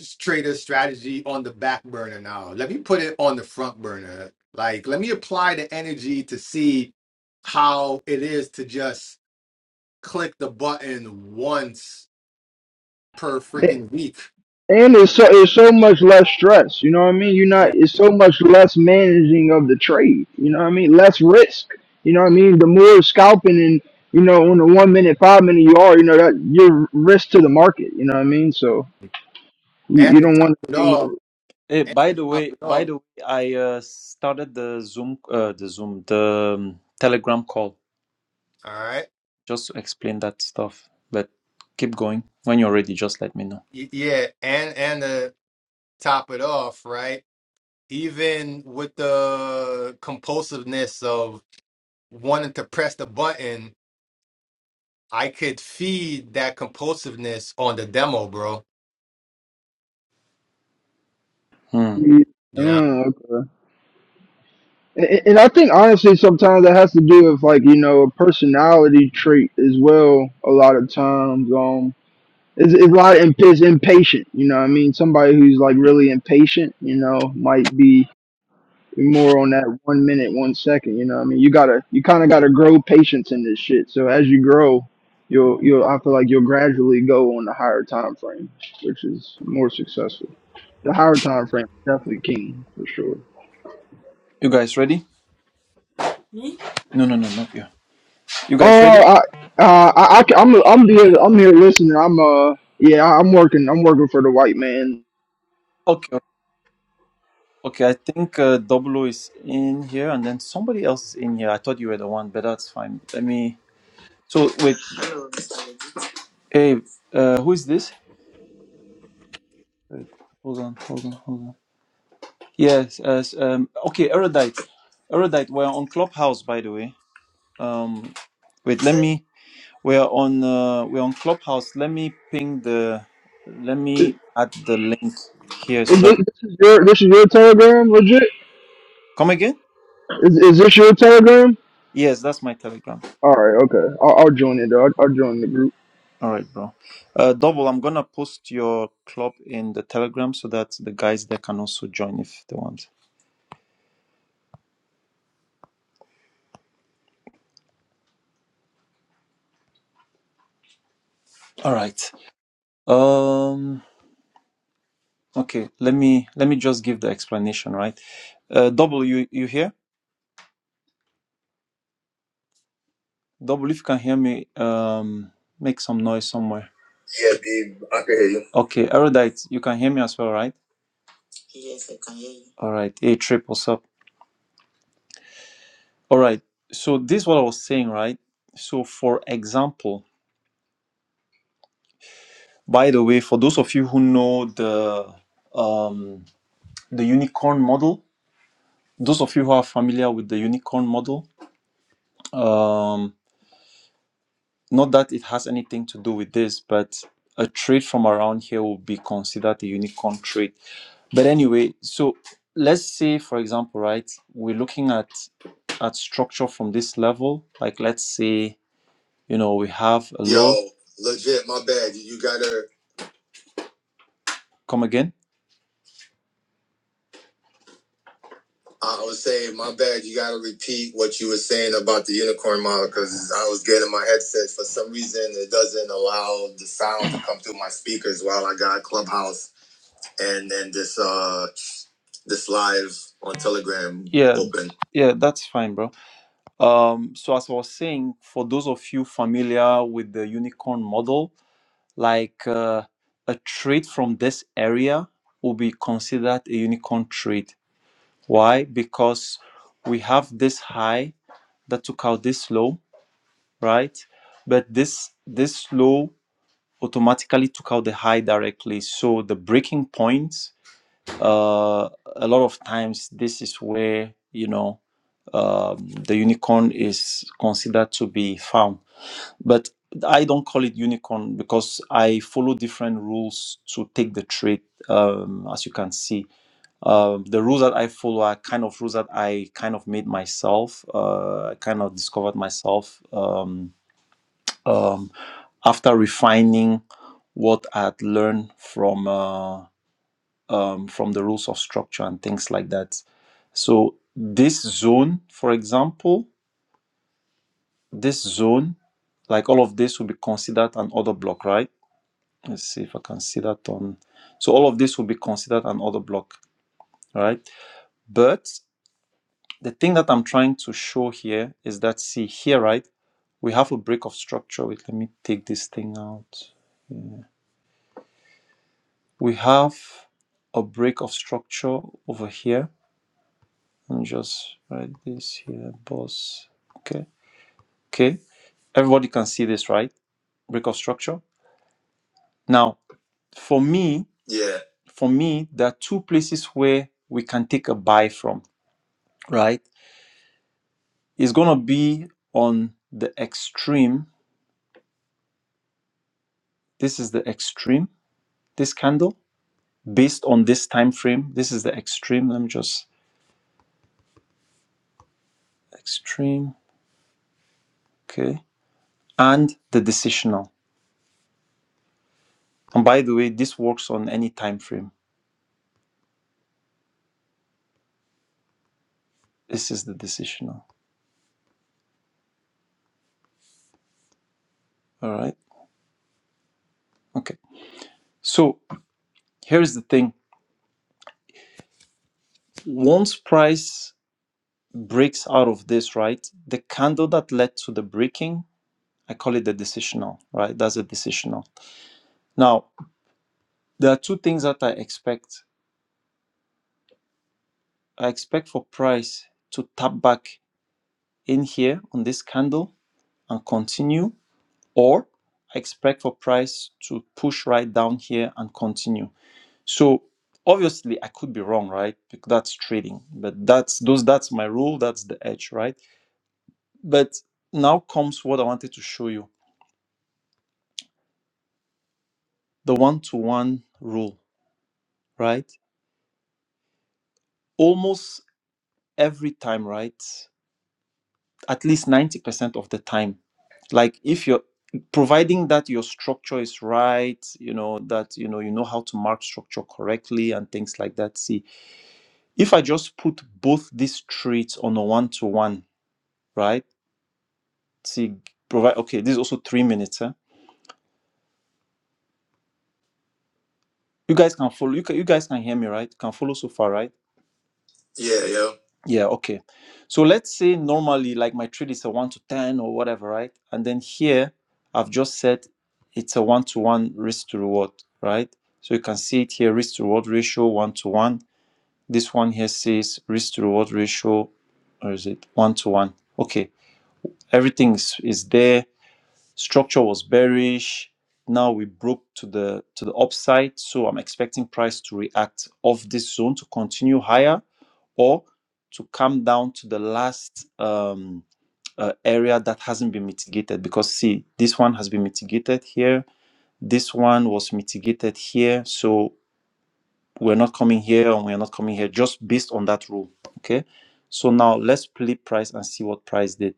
S1: s- trader strategy on the back burner now. Let me put it on the front burner. Like, let me apply the energy to see how it is to just click the button once per freaking week.
S3: And it's so it's so much less stress. You know what I mean? You're not
S1: Yeah.
S3: it's so much less managing of the trade. You know what I mean? Less risk. You know what I mean? The more scalping and you know on the one minute, five minute you are, you know that you're risk to the market. You know what I mean? So you,
S1: And
S3: you
S1: to
S3: don't
S1: top
S3: want to
S1: it
S3: be
S1: off,
S3: more.
S2: Hey,
S1: and
S2: by
S1: to
S2: the
S1: top
S2: way,
S1: it
S2: by
S1: off,
S2: the way, I uh, started the Zoom, uh, the Zoom, the um, Telegram call
S1: all right.
S2: just to explain that stuff. But keep going. When you're ready, just let me know.
S1: y- Yeah, and and to top it off, right? even with the compulsiveness of wanting to press the button, I could feed that compulsiveness on the demo, bro.
S2: Hmm.
S3: You, uh,
S1: You know,
S3: okay. And, and I think honestly, sometimes that has to do with like you know a personality trait as well. A lot of times, um, It's, it's a lot imp- is impatient. You know what I mean? Somebody who's like really impatient, you know, might be more on that one minute, one second. You know what I mean? You gotta, you kind of gotta grow patience in this shit. So as you grow, you'll, you'll, I feel like you'll gradually go on the higher time frame, which is more successful. The higher time frame is definitely king for sure.
S2: You guys ready? No, no, no, not you. You
S3: Oh,
S2: guys ready?
S3: I, uh, I, I, ca- I'm, I'm here, I'm here listening. I'm, uh, yeah, I'm working, I'm working for the white man.
S2: Okay, okay. okay, I think uh, Doblo is in here, and then somebody else is in here. I thought you were the one, but that's fine. Let me. So wait. Hey, uh, who is this? Wait, hold on, hold on, hold on. Yes, yes. Um, okay, Erudite. Erudite, we're on Clubhouse, by the way. Um, wait, let me. We're on. Uh, we're on Clubhouse. Let me ping the. Let
S3: Is,
S2: me add the link here so
S3: is this,
S2: that.
S3: this is your, this is your telegram, legit?
S2: Come again?
S3: Is, is this your Telegram?
S2: Yes, that's my Telegram.
S3: All right, okay. I'll, I'll join it. I'll, I'll join the group.
S2: All right, bro. Uh, double. I'm gonna post your club in the Telegram so that the guys there can also join if they want. All right. Um. Okay. Let me. Let me just give the explanation. Right. Uh, double. You. You here? Double, if you can hear me, um, make some noise somewhere. Yeah, babe, I can hear you. Okay, Erudite, you can hear me as well, right? Yes, I can hear you. All right. Hey, Trip, what's up? All right. So this is what I was saying, right? So for example, by the way, for those of you who know the um, the unicorn model, those of you who are familiar with the unicorn model, um, not that it has anything to do with this, but a trade from around here will be considered a unicorn trade. But anyway, so let's say, for example, right, we're looking at at structure from this level. Like, let's say, you know, we have a Yo, law. legit, my bad. You gotta. Come again? I was saying, my bad. You gotta repeat what you were saying about the unicorn model because I was getting my headset. For some reason, it doesn't allow the sound to come through my speakers while I got Clubhouse and then this uh this live on Telegram Yeah, open. yeah, that's fine, bro. Um, so as I was saying, for those of you familiar with the unicorn model, like uh, a trade from this area will be considered a unicorn trade. Why? Because we have this high that took out this low, right? But this this low automatically took out the high directly. So the breaking points, uh, a lot of times this is where you know um, the unicorn is considered to be found but I don't call it unicorn because I follow different rules to take the trade. Um, as you can see, Um the rules that I follow are kind of rules that I kind of made myself. Uh, I kind of discovered myself um, um, after refining what I'd learned from uh, um, from the rules of structure and things like that. So this zone, for example, this zone, like all of this, will be considered an order block, right? Let's see if I can see that on. So all of this will be considered an order block, right? But the thing that I'm trying to show here is that see here, right? We have a break of structure. Wait, let me take this thing out. We have a break of structure over here. Let me just write this here, boss. Okay. Okay. Everybody can see this, right? Break of structure. Now, for me, yeah. For me, there are two places where we can take a buy from, right? is going to be on the extreme this is the extreme this candle based on this time frame this is the extreme let me just extreme okay and the decisional and by the way this works on any time frame this is the decisional all right okay so here's the thing once price breaks out of this right the candle that led to the breaking i call it the decisional right that's a decisional now there are two things that i expect I expect for price to tap back in here on this candle and continue, or I expect for price to push right down here and continue. So obviously I could be wrong, right? Because that's trading, but that's those that's my rule, that's the edge, right? But now comes what I wanted to show you, the one-to-one rule, right? Almost every time, right? at least 90% of the time like if you're providing that your structure is right you know that you know you know how to mark structure correctly and things like that see if i just put both these traits on a one-to-one right see provide okay this is also three minutes huh? you guys can follow you, can, you guys can hear me right can follow so far right Yeah, yeah. Yeah, okay. So let's say normally like my trade is a 1 to 10 or whatever, right? And then here I've just said it's a 1 to 1 risk to reward, right? So you can see it here risk to reward ratio 1 to 1. This one here says risk to reward ratio or is it 1 to 1? Okay. Everything is, is there. Structure was bearish. Now we broke to the to the upside, so I'm expecting price to react off this zone to continue higher or to come down to the last um, uh, area that hasn't been mitigated. Because, see, this one has been mitigated here, this one was mitigated here. So, we're not coming here and we're not coming here just based on that rule. Okay. So, now let's play price and see what price did.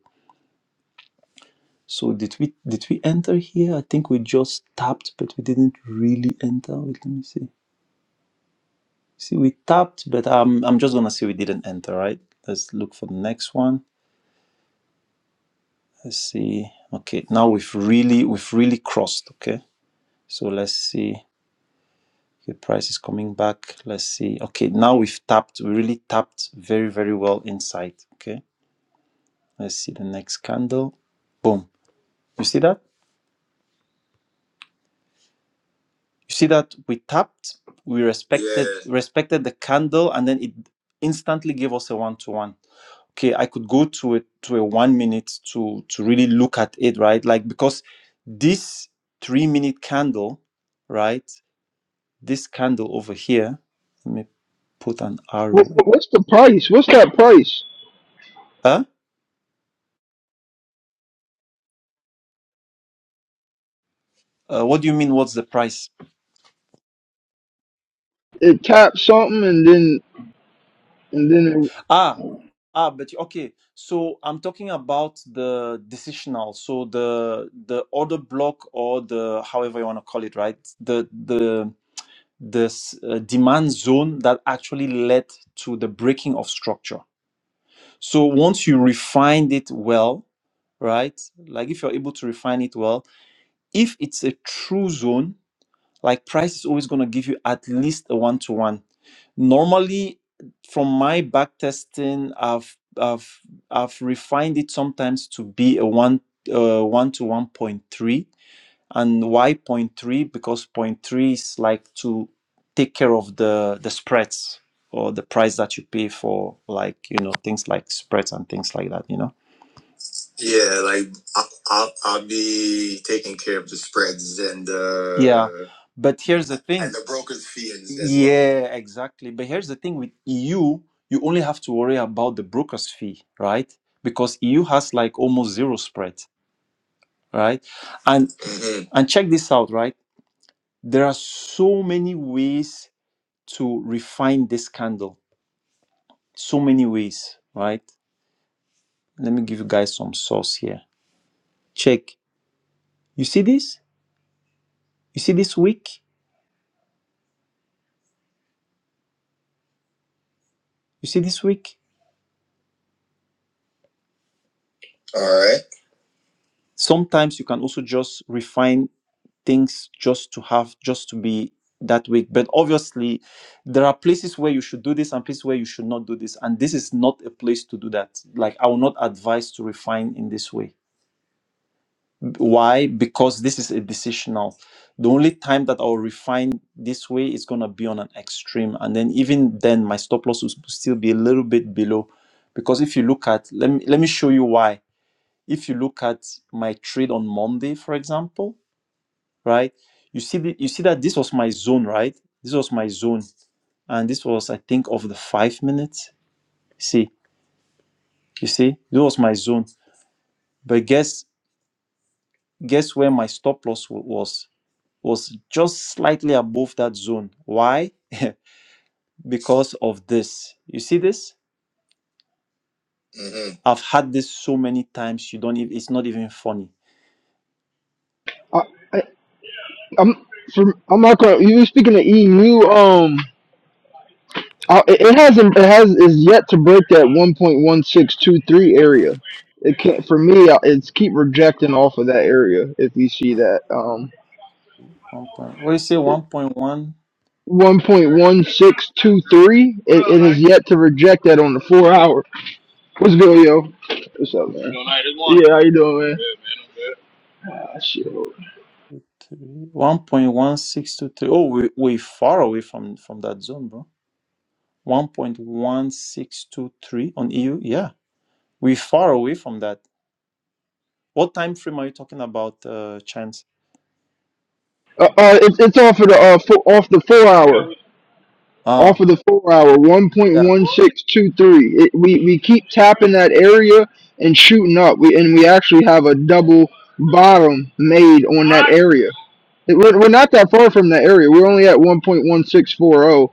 S2: So did we did we enter here? I think we just tapped, but we didn't really enter. Wait, let me see. See, we tapped, but um, I'm just gonna say we didn't enter, right? Let's look for the next one. let's see okay now we've really we've really crossed okay so let's see the price is coming back let's see okay now we've tapped we really tapped very very well inside okay let's see the next candle boom you see that you see that we tapped we respected Yeah. respected the candle and then it instantly gave us a one-to-one okay i could go to a to a one minute to to really look at it right like because this three minute candle right This candle over here, let me put an arrow.
S3: What, what's the price? What's that price?
S2: Huh? Uh, what do you mean? What's the price?
S3: It taps something and then and then it,
S2: Ah, ah, but okay. So I'm talking about the decisional, so the the order block or the however you want to call it, right? The the the s- uh, demand zone that actually led to the breaking of structure. So once you refined it well, right? Like if you're able to refine it well, if it's a true zone Like price is always going to give you at least a one to one. Normally, from my back testing, I've I've I've refined it sometimes to be a one uh, one to one point three. And why point three? Because point three is like to take care of the the spreads or the price that you pay for like you know things like spreads and things like that you know yeah, like I'll, I'll, I'll be taking care of the spreads and uh, Yeah, but here's the thing. and the broker's fee and as well. Yeah, exactly. But here's the thing with EU, you only have to worry about the broker's fee, right? Because EU has like almost zero spread, right? And hmm and check this out, right? There are so many ways to refine this candle. So many ways, right? Let me give you guys some source here. Check. You see this? You see this wick? You see, this week, All right. sometimes you can also just refine things just to have, just to be that week. But obviously, there are places where you should do this and places where you should not do this. And this is not a place to do that. Like, I will not advise to refine in this way. Why? Because this is a decisional. The only time that I'll refine this way is going to be on an extreme. And then, even then, my stop loss will still be a little bit below. Because if you look at, let me, let me show you why if you look at my trade on Monday, for example, right, you see the, you see that this was my zone, right? This was my zone, and this was I think of the five minutes. See, you see, this was my zone. But guess guess where my stop loss wa- was? Was just slightly above that zone. Why? Because of this. You see this? Mhm. I've had this so many times. You don't. ev- It's not even funny.
S3: I, I, I'm from I'm not gonna. You were speaking of EU. Um, I, it it hasn't. It has is yet to break that 1.1623 area. It can't for me. I- It's keep rejecting off of that area. If you see that um
S2: One point, what do you say? One point one.
S3: 1.1623, it, it is yet to reject that on the four hour. What's good, yo? What's up, man? Yeah, how you doing, man? I'm good. Ah, shit. Uh,
S2: 1.1623. Oh, we, we far away from, from that zone, bro. 1.1623 on EU. Yeah, we far away from that. What time frame are you talking about, uh, Chance?
S3: uh, it's it's off of the uh four, off the four Yeah, hour, we off
S2: Ah,
S3: of the four hour, one point
S2: yeah.
S3: one six two three. It, we we keep tapping that area and shooting up. We and we actually have a double bottom made on that area. It- we're, we're not that far from that area. We're only at one point one six four zero,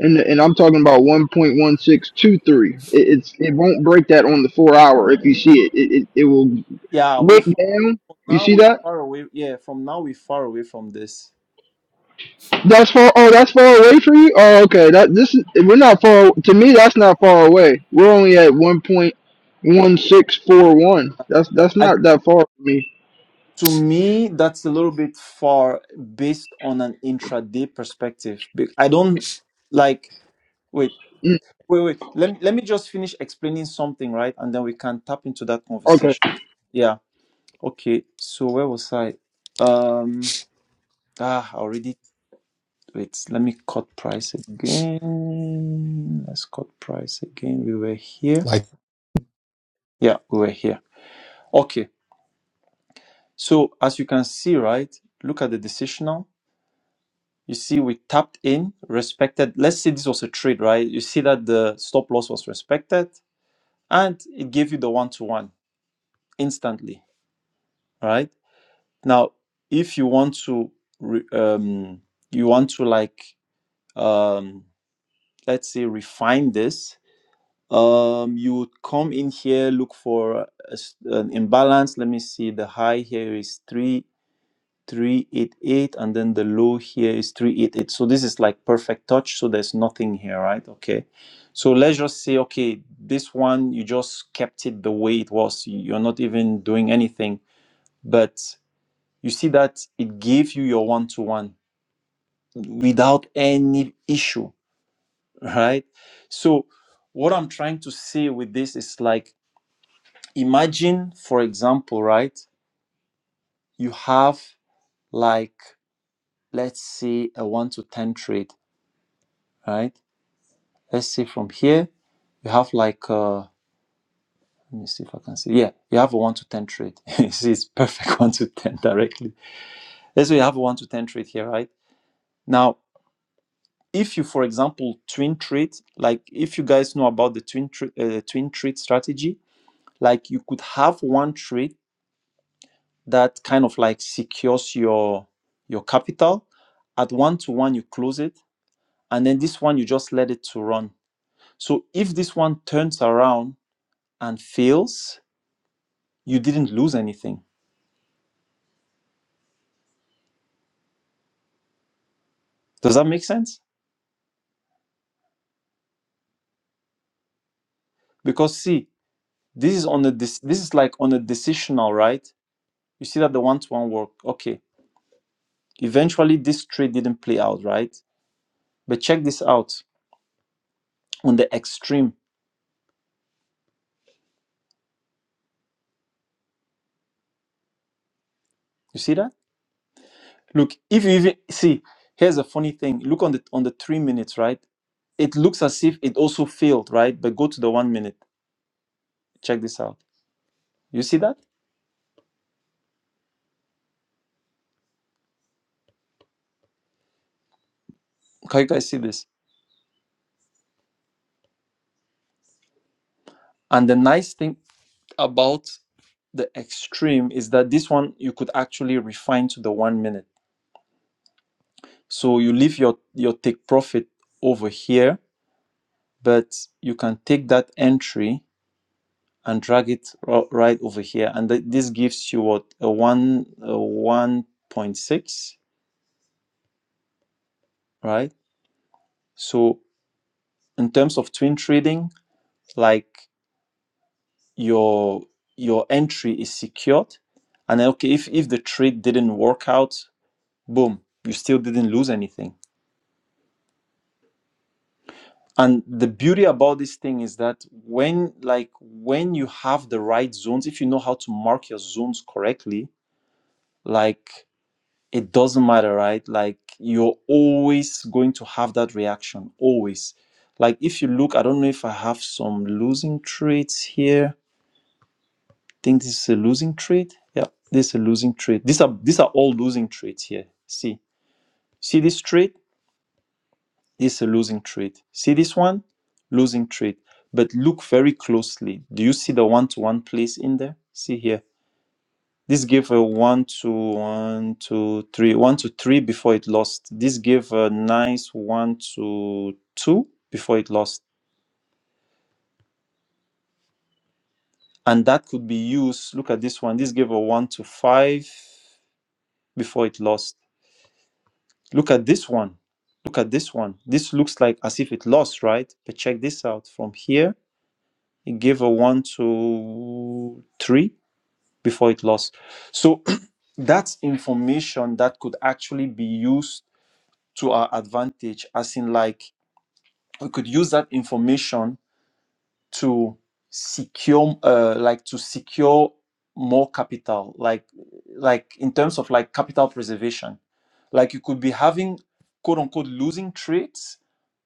S3: and and I'm talking about one point one six two three. It, it's it won't break that on the four hour. If you see it, it it, it will
S2: Yeah, we
S3: Look
S2: far,
S3: down. You
S2: now
S3: see
S2: we
S3: that?
S2: far away. Yeah, from now we far away from this.
S3: That's far. Oh, that's far away for you. Oh, okay. That this is. We're not far. To me, that's not far away. We're only at one point one six four one. That's that's
S2: I don't-
S3: not that far for me.
S2: to me, that's a little bit far based on an intraday perspective. Be- I don't like. wait.
S3: Mm,
S2: Wait, wait. Let me, let me just finish explaining something, right? And then we can tap into that
S3: okay.
S2: conversation. Yeah. Okay. So where was I? Um. Ah, I already. Wait. Let me cut price again. Let's cut price again. We were here.
S1: like,
S2: Yeah, we were here. Okay. So as you can see, right? Look at the decisional. You see, we tapped in, respected. Let's say this was a trade, right? You see that the stop loss was respected, and it gave you the one to one instantly, right? Now, if you want to, re- um, you want to like, um, let's say, refine this, um, you would come in here, look for a s an imbalance. Let me see. The high here is three three eight eight, and then the low here is three eight eight. So this is like perfect touch. So there's nothing here, right? Okay. So let's just say, okay, this one you just kept it the way it was. You're not even doing anything, but you see that it gave you your one to one without any issue, right? So, what I'm trying to say with this is like, imagine, for example, right? You have like, let's say a one to 10 trade, right? Let's say from here, you have like, uh, let me see if I can see. Yeah, you have a one to 10 trade. You see, it's perfect one to 10 directly. Let's say you have a one to 10 trade here, right? Now, if you for example twin treat like if you guys know about the twin tre- uh, twin treat strategy like you could have one treat that kind of like secures your your capital at one to one you close it and then this one you just let it to run so if this one turns around and fails you didn't lose anything does that make sense because see this is on a this this is like on a decisional right you see that the one to one work okay eventually this trade didn't play out right But check this out on the extreme. You see that? Look, if you even see, here's a funny thing. Look on the on the three minutes, right? It looks as if it also failed, right? But go to the one minute. Check this out. You see that? Can you guys see this? And the nice thing about the extreme is that this one you could actually refine to the one minute. So you leave your your take profit over here, but you can take that entry and drag it ro- right over here and th- this gives you what a 1 a 1.6 right so in terms of twin trading like your your entry is secured and then, okay if, if the trade didn't work out boom you still didn't lose anything and the beauty about this thing is that when like when you have the right zones if you know how to mark your zones correctly like it doesn't matter, right? Like you're always going to have that reaction, always. Like if you look, I don't know if I have some losing traits here. I think this is a losing trait. Yeah, this is a losing trait. These are these are all losing traits here. See, see this trait? This is a losing trait. See this one? Losing trait. But look very closely. Do you see the one-to-one place in there? See here This gave a one to one to three, one to three before it lost. This gave a nice one to two before it lost. And that could be used. Look at this one. This gave a one to five before it lost. Look at this one. Look at this one. This looks like as if it lost, right? But check this out. From here, it gave a one to three before it lost. So that's information that could actually be used to our advantage, as in like we could use that information to secure, uh, like to secure more capital, like like in terms of like capital preservation. Like you could be having quote unquote losing trades,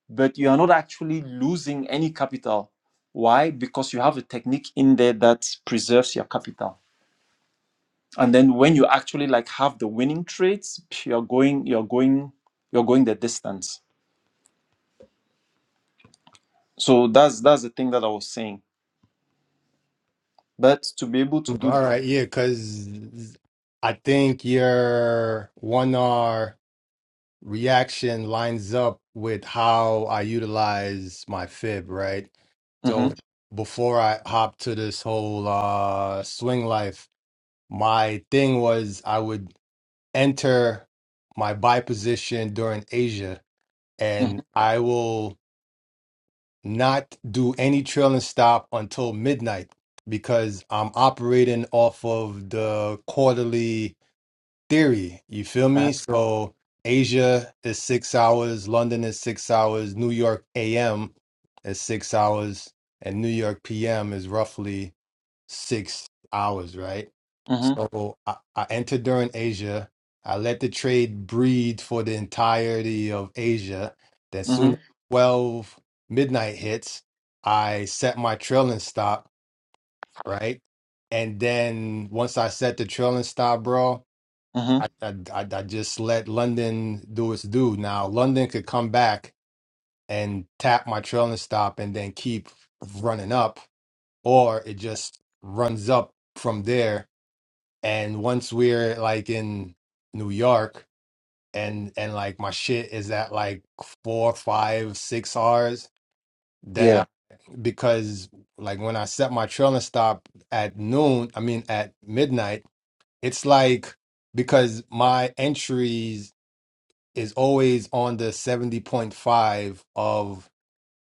S2: but you are not actually losing any capital. Why? Because you have a technique in there that preserves your capital. And then when you actually like have the winning trades, you're going, you're going, you're going the distance So that's that's the thing that I was saying. But to be able to do,
S1: all right, yeah, because I think your one R reaction lines up with how I utilize my fib, right?
S2: mm-hmm,
S1: So before I hopped to this whole uh swing life, my thing was I would. enter my buy position during Asia, and
S2: mm-hmm,
S1: I will not do any trailing stop until midnight because I'm operating off of the quarterly theory. You feel me? So Asia is six hours, London is six hours, New York AM is six hours, and New York PM is roughly six hours, right?
S2: mm-hmm,
S1: So I, I entered during Asia. I let the trade breed for the entirety of Asia. Then soon as
S2: mm-hmm,
S1: 12 midnight hits, I set my trailing stop, right? And then once I set the trailing stop, bro,
S2: hmm
S1: I, I, I I just let London do its due. Now, London could come back and tap my trailing stop and then keep running up, or it just runs up from there and once we're like in New York and and like my shit is at like four, five, six hours, then
S2: yeah,
S1: I because like when I set my trailing stop at noon, I mean at midnight, it's like because my entries is always on the seventy point five of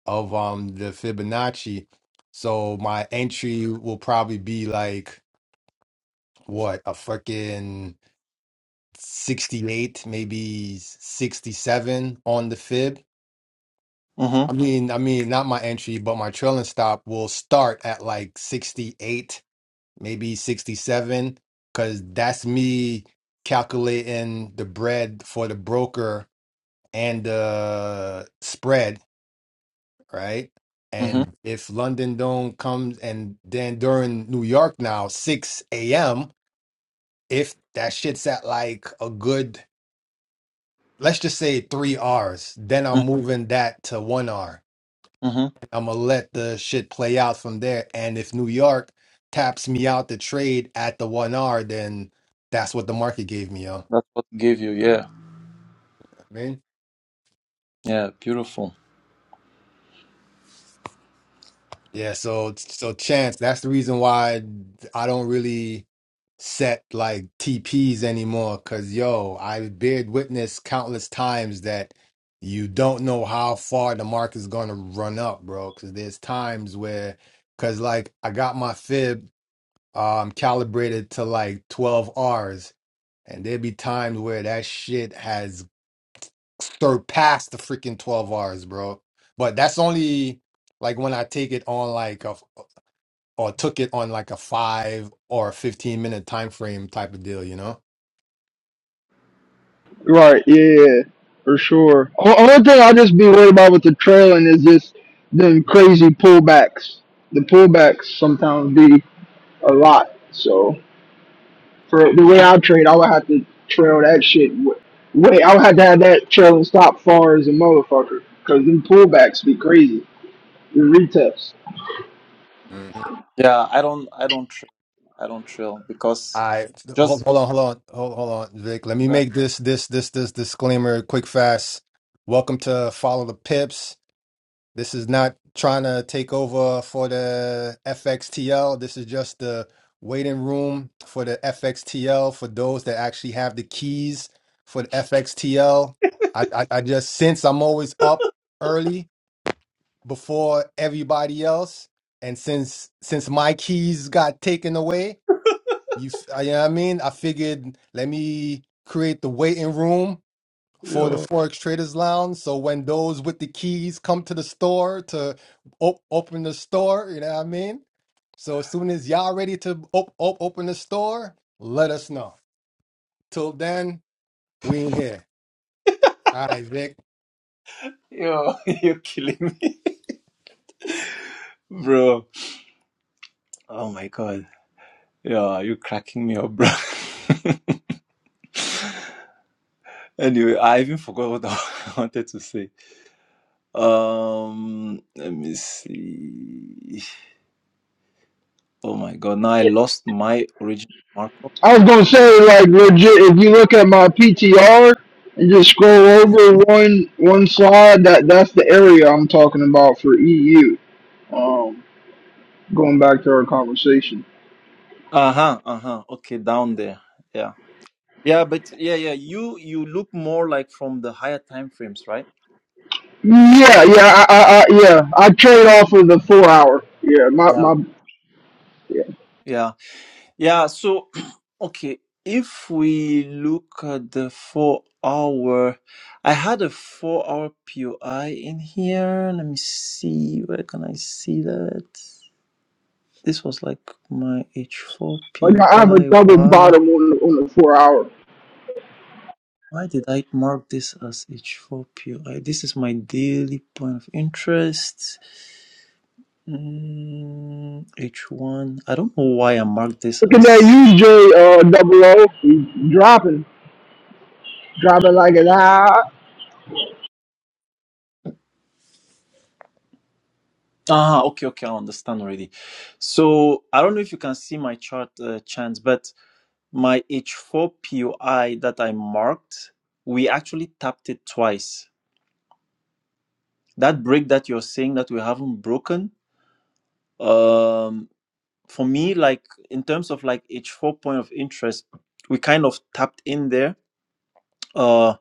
S1: of um the Fibonacci. So my entry will probably be like what a freaking 68, maybe 67 on the fib. I
S2: mm-hmm,
S1: mean, I mean, not my entry, but my trailing stop will start at like 68, maybe 67, because that's me calculating the bread for the broker and the spread, right?
S2: mm-hmm,
S1: And if London don't comes and then during New York now, 6 a.m., if that shit's at like a good let's just say three R's. Then I'm moving that to one R.
S2: mm-hmm.
S1: I'm gonna let the shit play out from there. And if New York taps me out the trade at the one R, then that's what the market gave me, yo.
S2: That's what gave you, yeah,
S1: I mean.
S2: yeah, beautiful.
S1: Yeah, so so chance, that's the reason why I don't really set like TPs anymore. Cause yo, I bear witness countless times that you don't know how far the market's gonna run up, bro. Cause there's times where, cause like I got my fib um calibrated to like 12 Rs, and there'd be times where that shit has surpassed the freaking 12 Rs, bro. But that's only like when I take it on like a or took it on like a five or a 15 minute time frame type of deal, you know?
S3: Right. Yeah. yeah, yeah. For sure. O- Only thing I just be worried about with the trailing is just them crazy pullbacks. The pullbacks sometimes be a lot. So. For the way I trade, I would have to trail that shit. wi- Wait, I would have to have that trailing stop far as a motherfucker. Cause them pullbacks be crazy. The retests.
S1: Mhm.
S2: Yeah, I don't, I don't, trail. I don't trail because
S1: I hold,
S2: just for
S1: hold on, hold on, hold, hold on, Vic. Let me
S2: that,
S1: make this this this this disclaimer quick fast. Welcome to Follow the Pips. This is not trying to take over for the FXTL. This is just the waiting room for the FXTL for those that actually have the keys for the FXTL. I, I I just since I'm always up early before everybody else. And since since my keys got taken away, you, f- uh, you know what I mean? I figured let me create the waiting room for the Forex Traders Lounge. So when those with the keys come to the store to op- open the store, you know what I mean? So as soon as y'all ready to op- op- open the store, let us know. Till then, we ain't here. All right, Vic.
S2: yo, you're killing me, bro. Oh my god, yeah, you're cracking me up, bro. anyway, I even forgot what I wanted to say. Um, let me see. Oh my god, now I lost my original marker.
S3: I was gonna say, like, legit, if you look at my PTR and just scroll over one one slide, that that's the area I'm talking about for EU. Um, going back to our conversation.
S2: Uh-huh, uh-huh. Okay, down there. Yeah. Yeah, but yeah, yeah. You you look more like from the higher time frames, right?
S3: Yeah, yeah, I, I, I yeah, I trade off of the four hour. Yeah, my
S2: Yeah.
S3: my yeah,
S2: Yeah. Yeah. So okay, if we look at the four hour I had a four hour POI in here. Let me see where can I see that? This was like my H4
S3: like I have a
S2: POI.
S3: double bottom on the, on the four hour.
S2: Why did I mark this as H4PO? this is my daily point of interest. Mm, H1. I don't know why I marked this
S3: Look at that
S2: as.
S3: UJ uh, double O He's dropping, dropping like it's hot.
S2: Ah, okay, okay, I understand already. So I don't know if you can see my chart, uh, Chance, but my H4POI that I marked, we actually tapped it twice. That break that you're saying that we haven't broken, um for me like in terms of like h4 point of interest we kind of tapped in there uh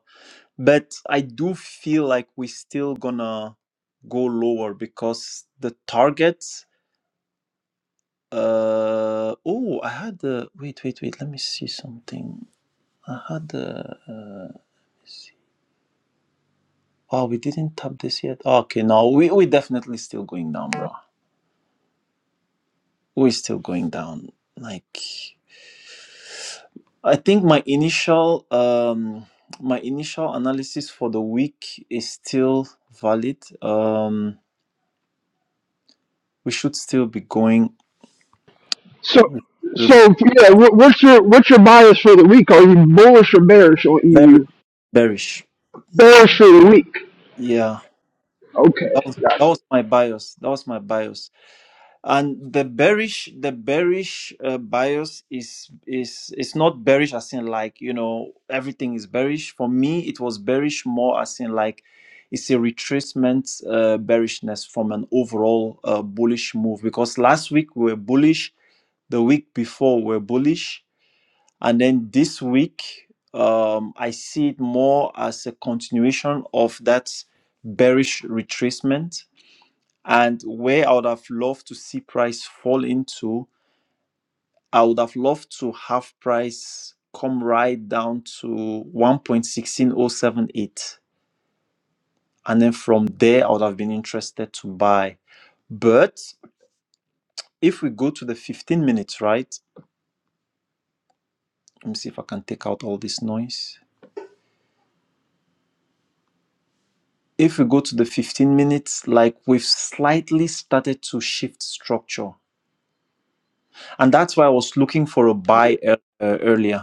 S2: but i do feel like we are still gonna go lower because the targets. uh oh i had the wait wait wait let me see something i had the uh, let's see. oh we didn't tap this yet okay no we we definitely still going down bro we're still going down like I think my initial um, my initial analysis for the week is still valid. Um, we should still be going
S3: So,
S2: we should still
S3: so
S2: be,
S3: yeah.
S2: uh,
S3: wh- What's your what's your bias for the week? Are you bullish or bearish on
S2: bearish.
S3: EU?
S2: Bearish.
S3: Bearish for the week.
S2: Yeah,
S3: Okay,
S2: that was
S3: got
S2: that
S3: it.
S2: was my bias. That was my bias. and the bearish the bearish uh, bias is is is not bearish as in like you know everything is bearish for me it was bearish more as in like it's a retracement uh, bearishness from an overall uh, bullish move because last week we were bullish the week before we were bullish and then this week um, i see it more as a continuation of that bearish retracement and where I would have loved to see price fall into, I would have loved to have price come right down to 1.16078. And then from there, I would have been interested to buy. But if we go to the 15 minutes, right? Let me see if I can take out all this noise. If we go to the 15 minutes, like we've slightly started to shift structure. And that's why I was looking for a
S3: Yeah.
S2: buy ear- uh, earlier.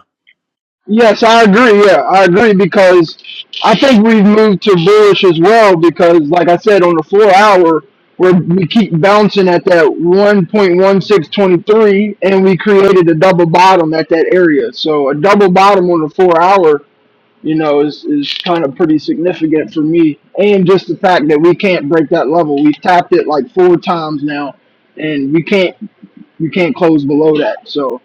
S3: Yes, I agree. Yeah, I agree because I think we've moved to bullish as well because, like I said, on the four hour, where we keep bouncing at that 1.1623 and we created a double bottom at that area. So a double bottom on the four hour you know, is, is kind of pretty significant for me. And just the fact that we can't break that level. We've tapped it like four times now and we can't we can't close below that. So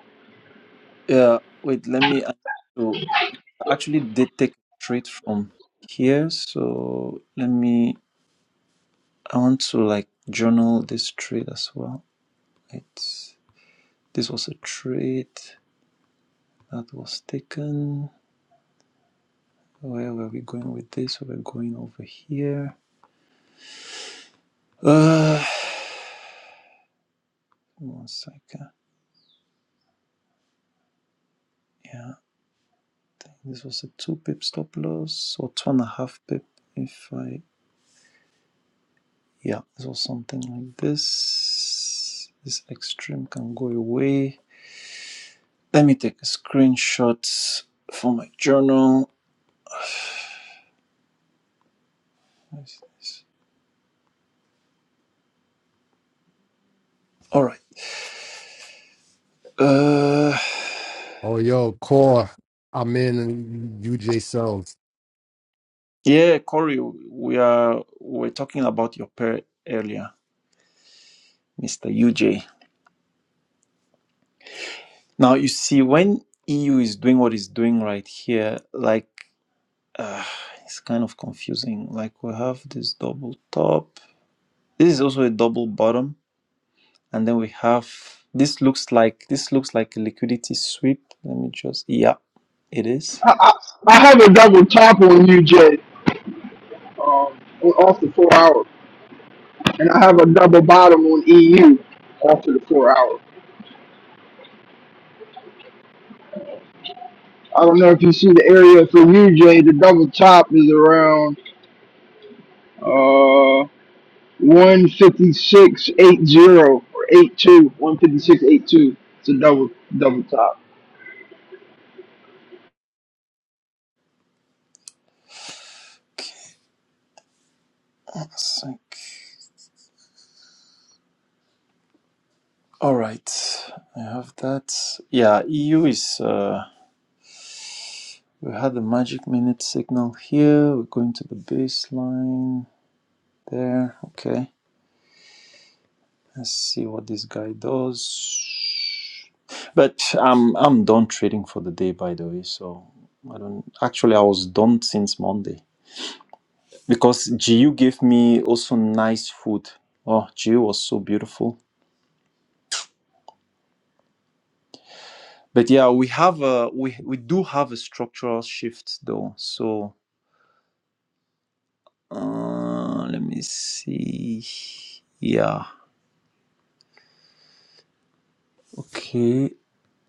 S2: Yeah, wait, let me. I so I actually did take a trade from here, so let me. I want to like journal this trade as well. It's this was a trade that was taken. Where were we going with this? We're going over here. Uh, one second. Yeah, this was a two pip stop loss or two and a half pip. If I, yeah, this was something like this. This extreme can go away. Let me take a screenshot for my journal. All right. Uh,
S1: Oh, yo, core. I'm in UJ cells.
S2: yeah, Corey, we are we're talking about your pair earlier, Mister UJ. Now you see when EU is doing what it's doing right here, like uh, it's kind of confusing. Like we have this double top. This is also a double bottom, and then we have this looks like this looks like a liquidity sweep. Let me just yeah, it is.
S3: I have a double top on UJ um, off the four hour, and I have a double bottom on EU off of the four hour. I don't know if you see the area for UJ. The double top is around uh, 156.80 or eight two one fifty six eight two. It's a double double top.
S2: Okay, One sec. All right, I have that. Yeah, EU is. Uh, we had the magic minute signal here. We're going to the baseline there. Okay. Let's see what this guy does. But I'm I'm done trading for the day, by the way. So I don't. Actually, I was done since Monday because GU gave me also nice food. Oh, GU was so beautiful. But yeah, we have a we we do have a structural shift though. So uh, let me see. Yeah. Okay.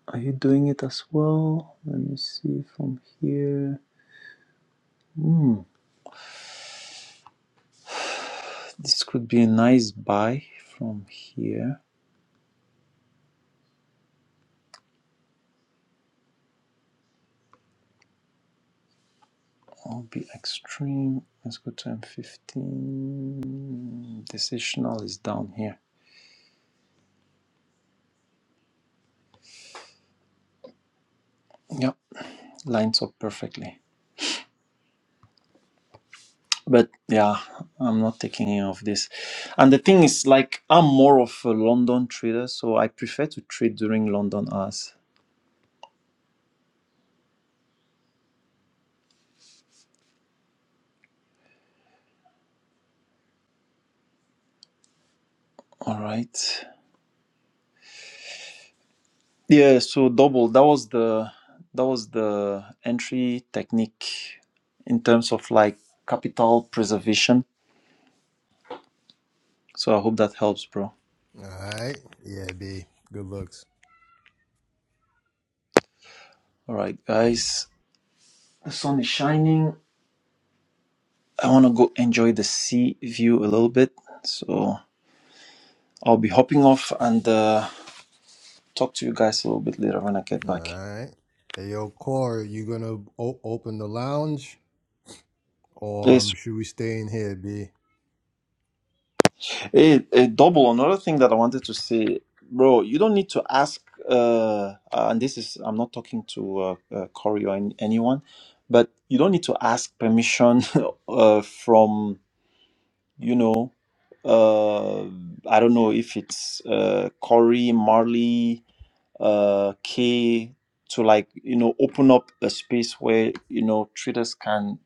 S2: Are you doing it as well? Let me see from here. Hmm. This could be a nice buy from here. I'll be extreme. Let's go to M15. Decisional is down here. Yep, lines up perfectly. But yeah, I'm not taking any of this. And the thing is, like, I'm more of a London trader, so I prefer to trade during London hours. All right. Yeah. So double. That was the that was the entry technique in terms of like capital preservation So I hope that helps, bro.
S1: All right. Yeah, B. Good looks.
S2: All right, guys. The sun is shining. I want to go enjoy the sea view a little bit. So I'll be hopping off and uh, talk to you guys a little bit later when I get
S1: All
S2: back.
S1: right. Hey, yo, Core, you gonna open the lounge or um,
S2: Yes.
S1: should we stay in here, B?
S2: Hey, hey, double. Another thing that I wanted to say, bro. You don't need to ask. Uh, uh, and this is I'm not talking to uh, uh, Corey or any, anyone, but you don't need to ask permission uh, from you know uh i don't know if it's uh corey marley uh kay to like you know open up a space where you know traders can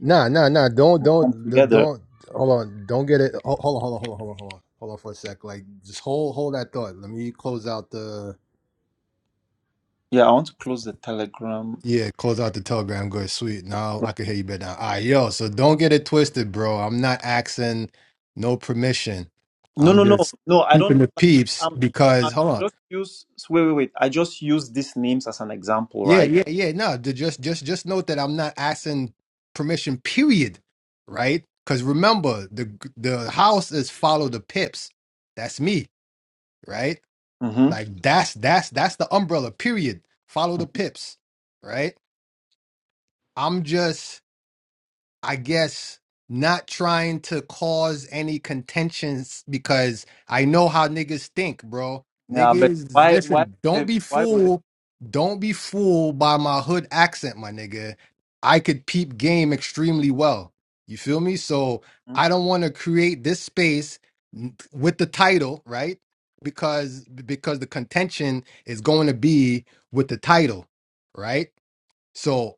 S1: Nah, nah, nah. Don't,
S2: come
S1: don't, d-
S2: together
S1: don't. Hold on. Don't get it. ho- Hold on, hold on, hold on, hold on, hold on. Hold on for a sec. Like, just hold, hold that thought. Let me close out the.
S2: yeah i want to close the telegram
S1: Yeah, close out the telegram. Good, sweet. Now
S2: Yeah.
S1: I can hear you better. Now. All right, yo. So don't get it twisted, bro. I'm not asking no permission.
S2: no
S1: I'm
S2: no no
S1: just
S2: no i
S1: keeping
S2: don't
S1: the
S2: like
S1: peeps
S2: um i
S1: because hold on.
S2: just use wait wait wait i just use these names as an example
S1: Yeah,
S2: right
S1: yeah, yeah. No, d- just just just note that I'm not asking permission, period. Right? Because remember, the the house is follow the pips. That's me, right?
S2: mm-hmm.
S1: Like that's that's that's the umbrella, period. Follow the pips, right? I'm just I guess not trying to cause any contentions because I know how niggas think, bro.
S2: yeah but
S1: Niggas,
S2: why why would
S1: listen, don't
S2: they,
S1: be
S2: why would
S1: fooled. Don't be fooled by my hood accent, my nigga. I could peep game extremely well. You feel me? So
S2: they Mhm.
S1: I don't want to create this space n- with the title, right? Because because the contention is going to be with the title, right? So.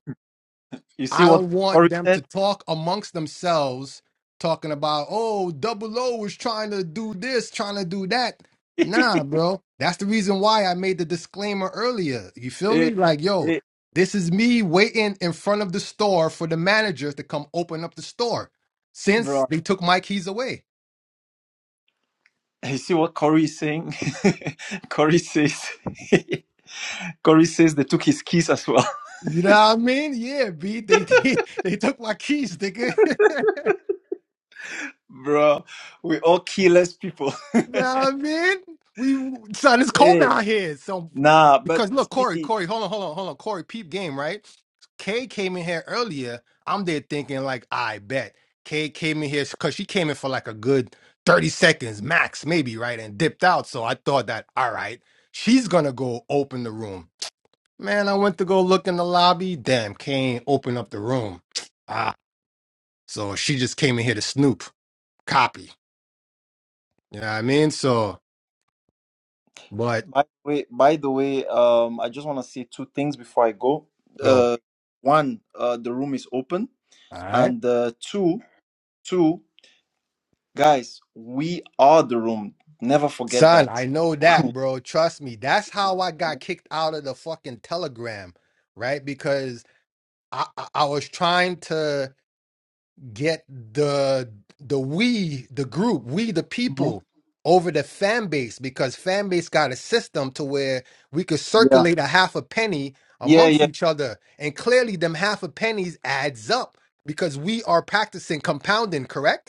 S2: you see
S1: I
S2: what
S1: don't want
S2: corey
S1: them to
S2: said
S1: talk amongst themselves, talking about, oh, double O is trying to do this, trying to do that. Nah, bro. That's the reason why I made the disclaimer earlier. You feel
S2: Eh,
S1: me? Like, yo,
S2: eh,
S1: this is me waiting in front of the store for the managers to come open up the store
S2: Bro,
S1: since they took my keys away.
S2: You see what Corey is saying? Corey says, Corey says they took his keys as well.
S1: You know what I mean? Yeah, B, they they, they took my keys, nigga.
S2: Bro, we all keyless people.
S1: You know what I mean? We son, it's cold
S2: Hey.
S1: out here. So
S2: Nah, but
S1: because look, Corey,
S2: see,
S1: Corey, hold on, hold on, hold on. Corey, peep game, right? Kay came in here earlier. I'm there thinking like, I bet. Kay came in here because she came in for like a good 30 seconds max, maybe, right? And dipped out. So I thought that, all right, she's gonna go open the room. Man, I went to go look in the lobby. Damn, Kay ain't open up the room. Ah, so she just came in here to snoop. Copy. You know what I mean? So, but
S2: by the way, by the way, um, I just want to say two things before I go.
S1: go.
S2: Uh, one, uh, the room is open, and uh, two, two guys, we are the room. Never forget
S1: Son,
S2: that.
S1: I know that,
S2: Mhm.
S1: bro. Trust me. That's how I got kicked out of the fucking Telegram, right? Because I, I I was trying to get the the we, the group, we the people over the fan base because fan base got a system to where we could
S2: Yeah.
S1: circulate a half a penny
S2: Yeah.
S1: amongst
S2: Yeah.
S1: each other. And clearly them half a pennies adds up because we are practicing compounding, correct?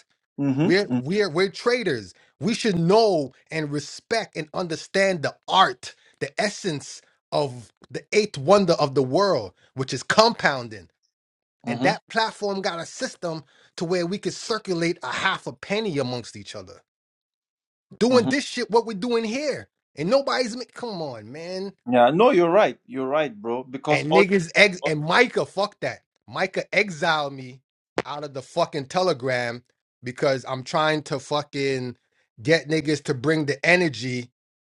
S1: We're
S2: Mm-hmm.
S1: we're we're traders. We should know and respect and understand the art, the essence of the eighth wonder of the world, which is compounding. And
S2: Mm-hmm.
S1: that platform got a system to where we could circulate a half a penny amongst each other. Doing this shit, what we're doing here. And nobody's ma- come on, man.
S2: Yeah, no, you're right. You're right, bro. Because
S1: And
S2: all,
S1: niggas ex and Micah, fuck that. Micah exiled me out of the fucking telegram because I'm trying to fucking get niggas to bring the energy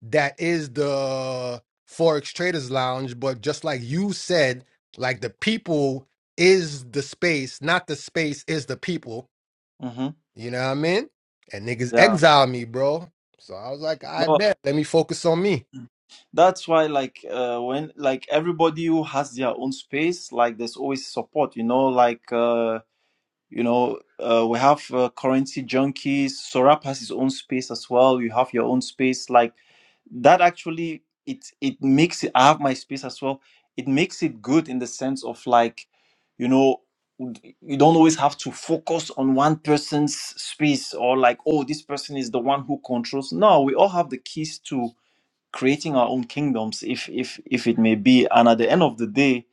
S1: that is the Forex Traders Lounge. But just like you said, like the people is the space, not the space is the people.
S2: hmm
S1: You know what I mean? And niggas
S2: yeah,
S1: exiled me, bro. So I was like, I
S2: no,
S1: bet. Let me focus on me.
S2: that's why like uh, when like everybody who has their own space, like there's always support. You know, like uh, You know, uh, we have uh, currency junkies. Sorap has his own space as well. You have your own space. Like that actually, it it makes it. I have my space as well. It makes it good in the sense of like, you know, you don't always have to focus on one person's space or like, oh, this person is the one who controls. No, we all have the keys to creating our own kingdoms, if if if it may be. And at the end of the day,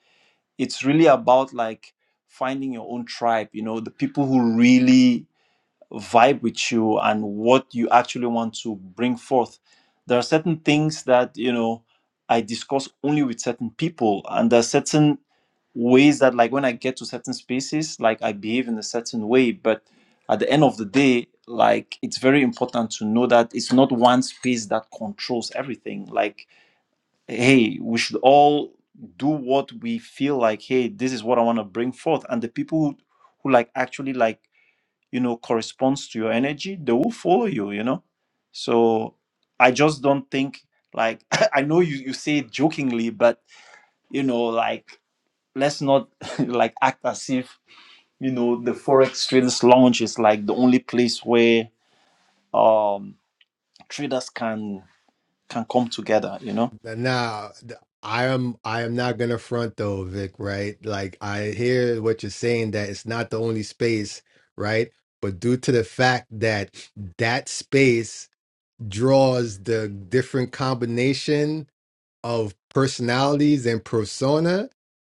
S2: it's really about like finding your own tribe you know the people who really vibe with you and what you actually want to bring forth there are certain things that you know i discuss only with certain people and there are certain ways that like when i get to certain spaces like i behave in a certain way but at the end of the day like it's very important to know that it's not one space that controls everything like hey we should all do what we feel like hey this is what i want to bring forth and the people who, who like actually like you know corresponds to your energy they will follow you you know so i just don't think like i know you you say it jokingly but you know like let's not like act as if you know the forex traders lounge is like the only place where um traders can can come together you know
S1: Now, I am I am not gonna front though, Vic, right? Like I hear what you're saying that it's not the only space, right? But due to the fact that that space draws the different combination of personalities and persona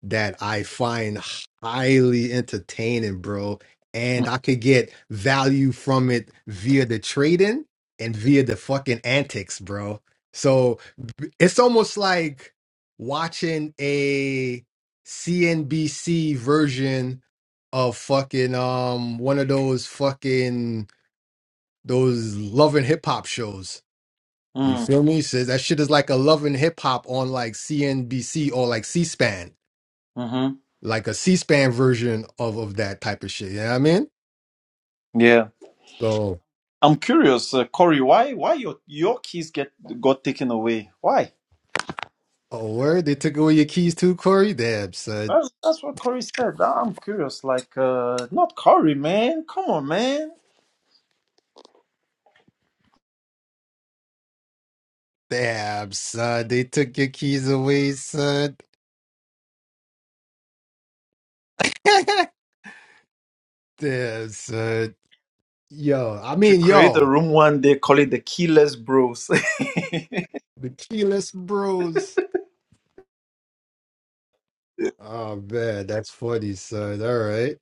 S1: that I find highly entertaining, bro. And
S2: Mm,
S1: I could get value from it via the trading and via the fucking antics, bro. So b- it's almost like watching a CNBC version of fucking um one of those fucking those love and hip hop shows you
S2: mm,
S1: feel me? Says that shit is like a love and hip hop on like CNBC or like C-SPAN,
S2: mm-hmm.
S1: like a C-SPAN version of of that type of shit. You know what I mean?
S2: yeah
S1: So,
S2: I'm curious, uh, Corey, why why your your keys get got taken away? Why?
S1: oh word, they took away your keys too, Corey. Damn, son.
S2: That's, that's what Corey said. I- I'm curious, like uh, not Corey, man. Come on, man.
S1: Damn, son. They took your keys away, son. Damn, son. Yo, I
S2: Should
S1: mean,
S2: create a
S1: yo,
S2: room one day, call it the Keyless Bros.
S1: the keyless bros. Oh man, that's funny, son. All right,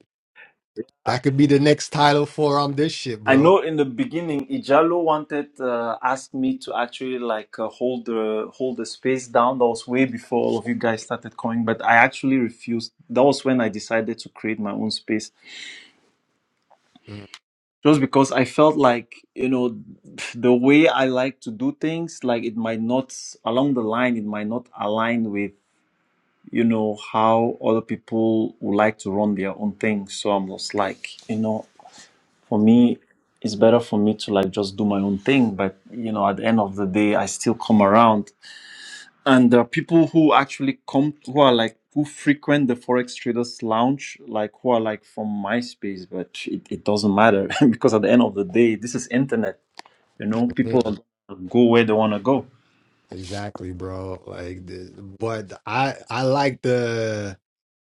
S1: that could be the next title for um this shit,
S2: I
S1: bro.
S2: know in the beginning, Ijalo wanted uh, asked me to actually like uh, hold the hold the space down. That was way before all of you guys started coming, but I actually refused. That was when I decided to create my own space
S1: Mm-hmm.
S2: just because I felt like you know the way I like to do things, like it might not along the line, it might not align with you know how other people would like to run their own thing. So I'm just like you know, for me, it's better for me to like just do my own thing. But you know, at the end of the day, I still come around, and there are people who actually come who are like who frequent the forex traders lounge like who are like from MySpace. but it, it doesn't matter because at the end of the day this is internet you know, people go where they want to go.
S1: Exactly, bro. Like, the, but I I like the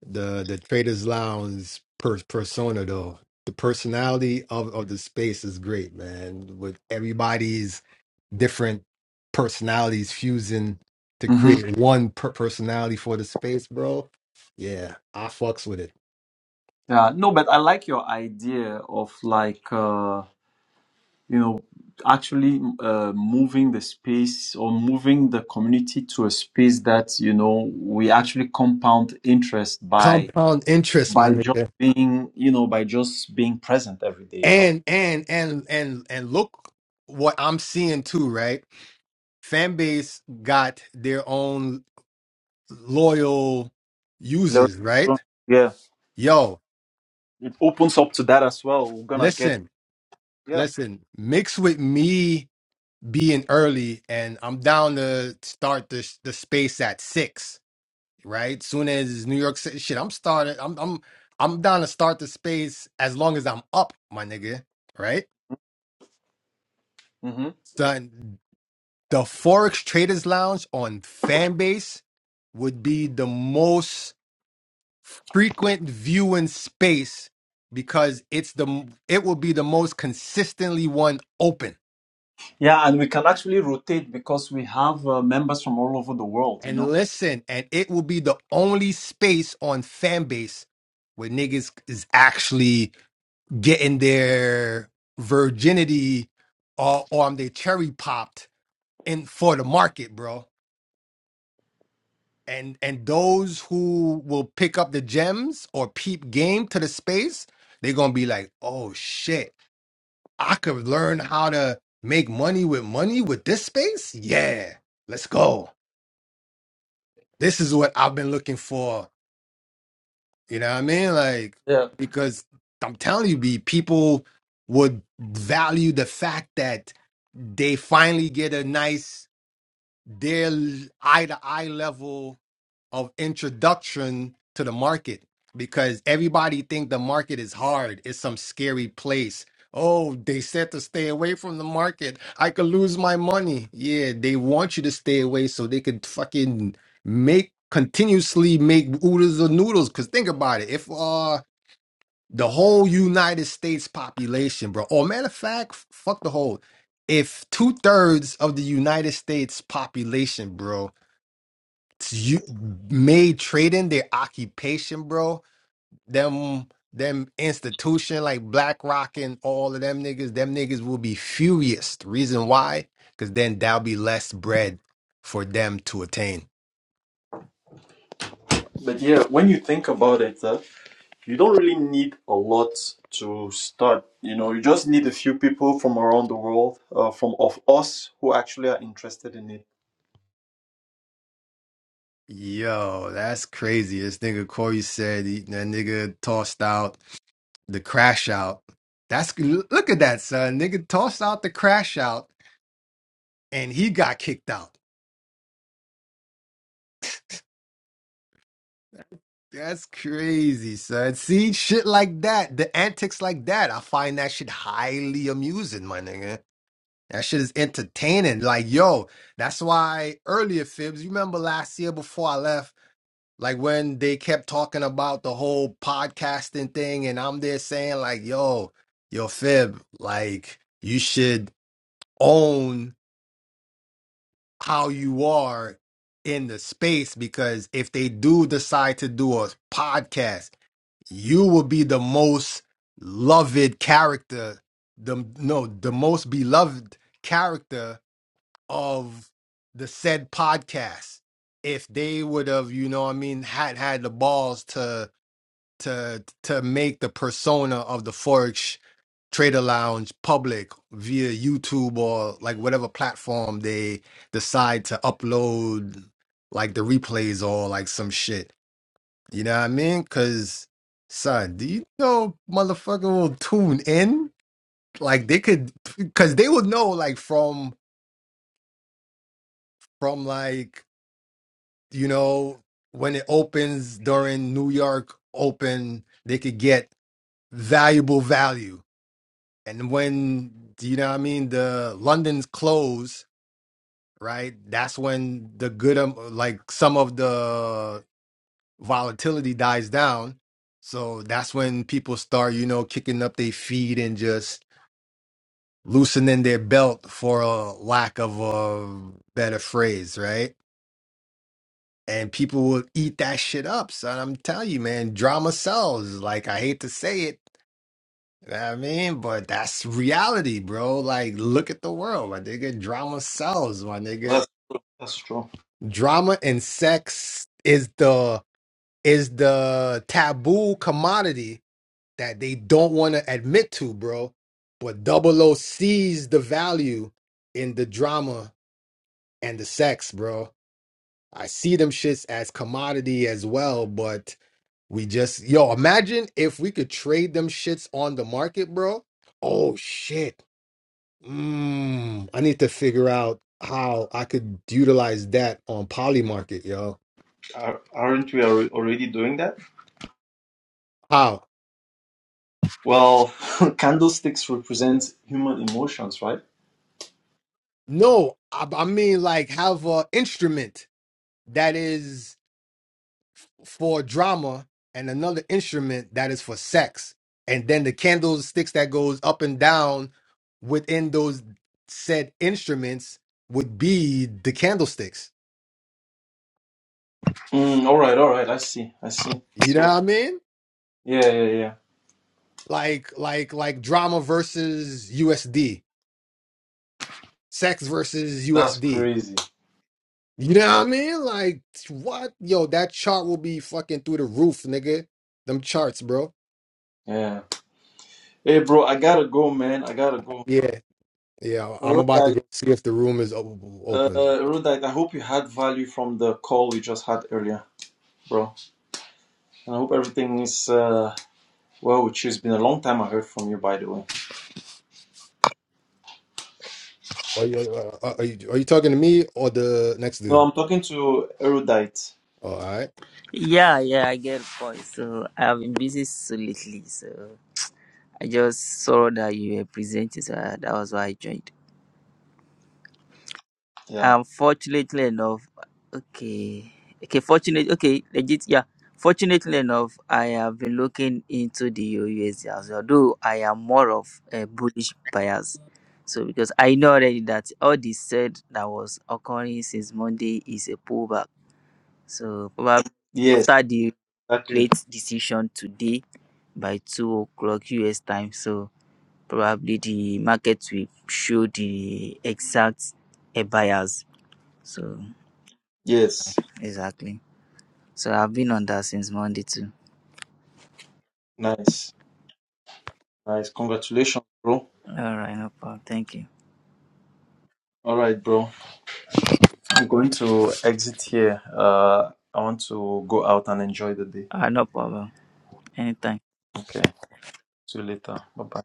S1: the the Traders Lounge per, persona though. The personality of of the space is great, man. With everybody's different personalities fusing to
S2: hmm
S1: create one per personality for the space, bro. Yeah, I fucks with it.
S2: Yeah, no, but I like your idea of like uh, you know actually uh, moving the space or moving the community to a space that you know we actually compound interest by
S1: Compound interest, my
S2: by just
S1: nigga.
S2: being you know by just being present every day. You know,
S1: And and and and and look what I'm seeing too, right? Fan base got their own. loyal
S2: Lot-
S1: users, right?
S2: yeah,
S1: Yo,
S2: it opens up to that as well. We're gonna get
S1: listen,
S2: yeah.
S1: listen, mix with me being early and I'm down to start the the space at 6, right? Soon as it's New York City shit, I'm starting. I'm I'm I'm down to start the space as long as I'm up, my nigga, right?
S2: hmm
S1: Son, the Forex Traders Lounge on Fanbase would be the most frequent viewing space because it's the it will be the most consistently one open
S2: Yeah, and we can actually rotate because we have uh, members from all over the world, you
S1: and
S2: know.
S1: listen and it will be the only space on fan base where niggas is actually getting their virginity or or they cherry popped in for the market bro and and those who will pick up the gems or peep game to the space they're gonna be like oh shit I could learn how to make money with money with this space. Yeah, let's go. This is what I've been looking for. You know what I mean? Like,
S2: Yeah.
S1: because I'm telling you, B, people would value the fact that they finally get a nice, their eye to eye level of introduction to the market because everybody think the market is hard. It's some scary place. Oh, they said to stay away from the market. I could lose my money. Yeah, they want you to stay away so they could fucking make continuously make oodles or noodles. Cause think about it. If uh the whole United States population, bro, or matter of fact, fuck the whole. If two thirds of the United States population, bro, you made trading their occupation, bro. Them them institution like BlackRock and all of them niggas, them niggas will be furious. The reason why? Cause then there'll be less bread for them to attain.
S2: But yeah, when you think about it, uh, you don't really need a lot to start. You know, you just need a few people from around the world, uh, from of us who actually are interested in it.
S1: Yo, that's crazy. This nigga Corey said he, that nigga tossed out the crash out. That's look at that son. Nigga tossed out the crash out and he got kicked out. That's crazy, son. See, shit like that, the antics like that, I find that shit highly amusing, my nigga. That shit is entertaining. Like, yo, that's why earlier, Fibs, you remember last year before I left, like when they kept talking about the whole podcasting thing, and I'm there saying, like, yo, yo, Fib, like, you should own how you are in the space because if they do decide to do a podcast, you will be the most loved character the no the most beloved character of the said podcast if they would have you know what i mean had had the balls to to to make the persona of the forex trader lounge public via youtube or like whatever platform they decide to upload like the replays or like some shit you know what I mean? Cause son, do you know motherfucker will tune in? Like they could cause they would know like from from like, you know, when it opens during New York open, they could get valuable value. And when do you know what I mean, the London's close, right? That's when the good um, like some of the volatility dies down. So that's when people start, you know, kicking up their feet and just loosening their belt for a lack of a better phrase, right? And people will eat that shit up. son. I'm telling you, man, drama sells. Like I hate to say it. you know what I mean, but that's reality, bro. Like, look at the world, my nigga. Drama sells, my nigga.
S2: That's, that's true.
S1: Drama and sex is the is the taboo commodity that they don't want to admit to, bro. But Double O sees the value in the drama and the sex, bro. I see them shits as commodity as well, but we just yo imagine if we could trade them shits on the market, bro. Oh shit. Mm, I need to figure out how I could utilize that on Polymarket, yo.
S2: Are, aren't we alre- already doing that?
S1: How?
S2: Well, candlesticks represent human emotions, right?
S1: No, I, I mean like have a instrument that is for drama and another instrument that is for sex and then the candlesticks that goes up and down within those said instruments would be the candlesticks
S2: Mm, all right, all right. I see. I see.
S1: you know what
S2: So,
S1: i mean
S2: yeah, yeah, yeah.
S1: like like like drama versus usd sex versus
S2: That's
S1: usd
S2: crazy.
S1: you know what i mean like what yo that chart will be fucking through the roof nigga them charts bro
S2: Yeah. Hey, bro, I gotta go, man. I gotta go.
S1: yeah yeah i'm
S2: All
S1: about to
S2: right.
S1: go see if the room is o-
S2: Uh,
S1: open
S2: Rudite, I hope you had value from the call we just had earlier, bro. And I hope everything is uh, well with you. It's been a long time I heard from you, by the way.
S1: Are you, uh, are, are you are you talking to me or the next
S2: No,
S1: dude?
S2: I'm talking to Erudite.
S1: Oh, all right.
S4: Yeah, yeah, I get a point. So I have been busy so lately, so I just saw that you were presenting, so I- that was why I joined.
S2: Yeah.
S4: Unfortunately enough, okay, okay, fortunate, okay, legit, yeah. Fortunately enough, I have been looking into the USD as well, though I am more of a bullish bias. So because I know already that all the said that was occurring since Monday is a pullback. So probably
S2: Yes,
S4: after the
S2: exactly.
S4: rate decision today. by 2 o'clock US time. So probably the market will show the exact uh, buyers. So
S2: Yes.
S4: exactly. So I've been on that since Monday too.
S2: Nice. Nice. Congratulations, bro.
S4: All right, no problem. Thank you.
S2: All right, bro. I'm going to exit here. Uh, I want to go out and enjoy the day.
S4: Uh, no problem. Anytime.
S2: Okay. See you later. Bye bye.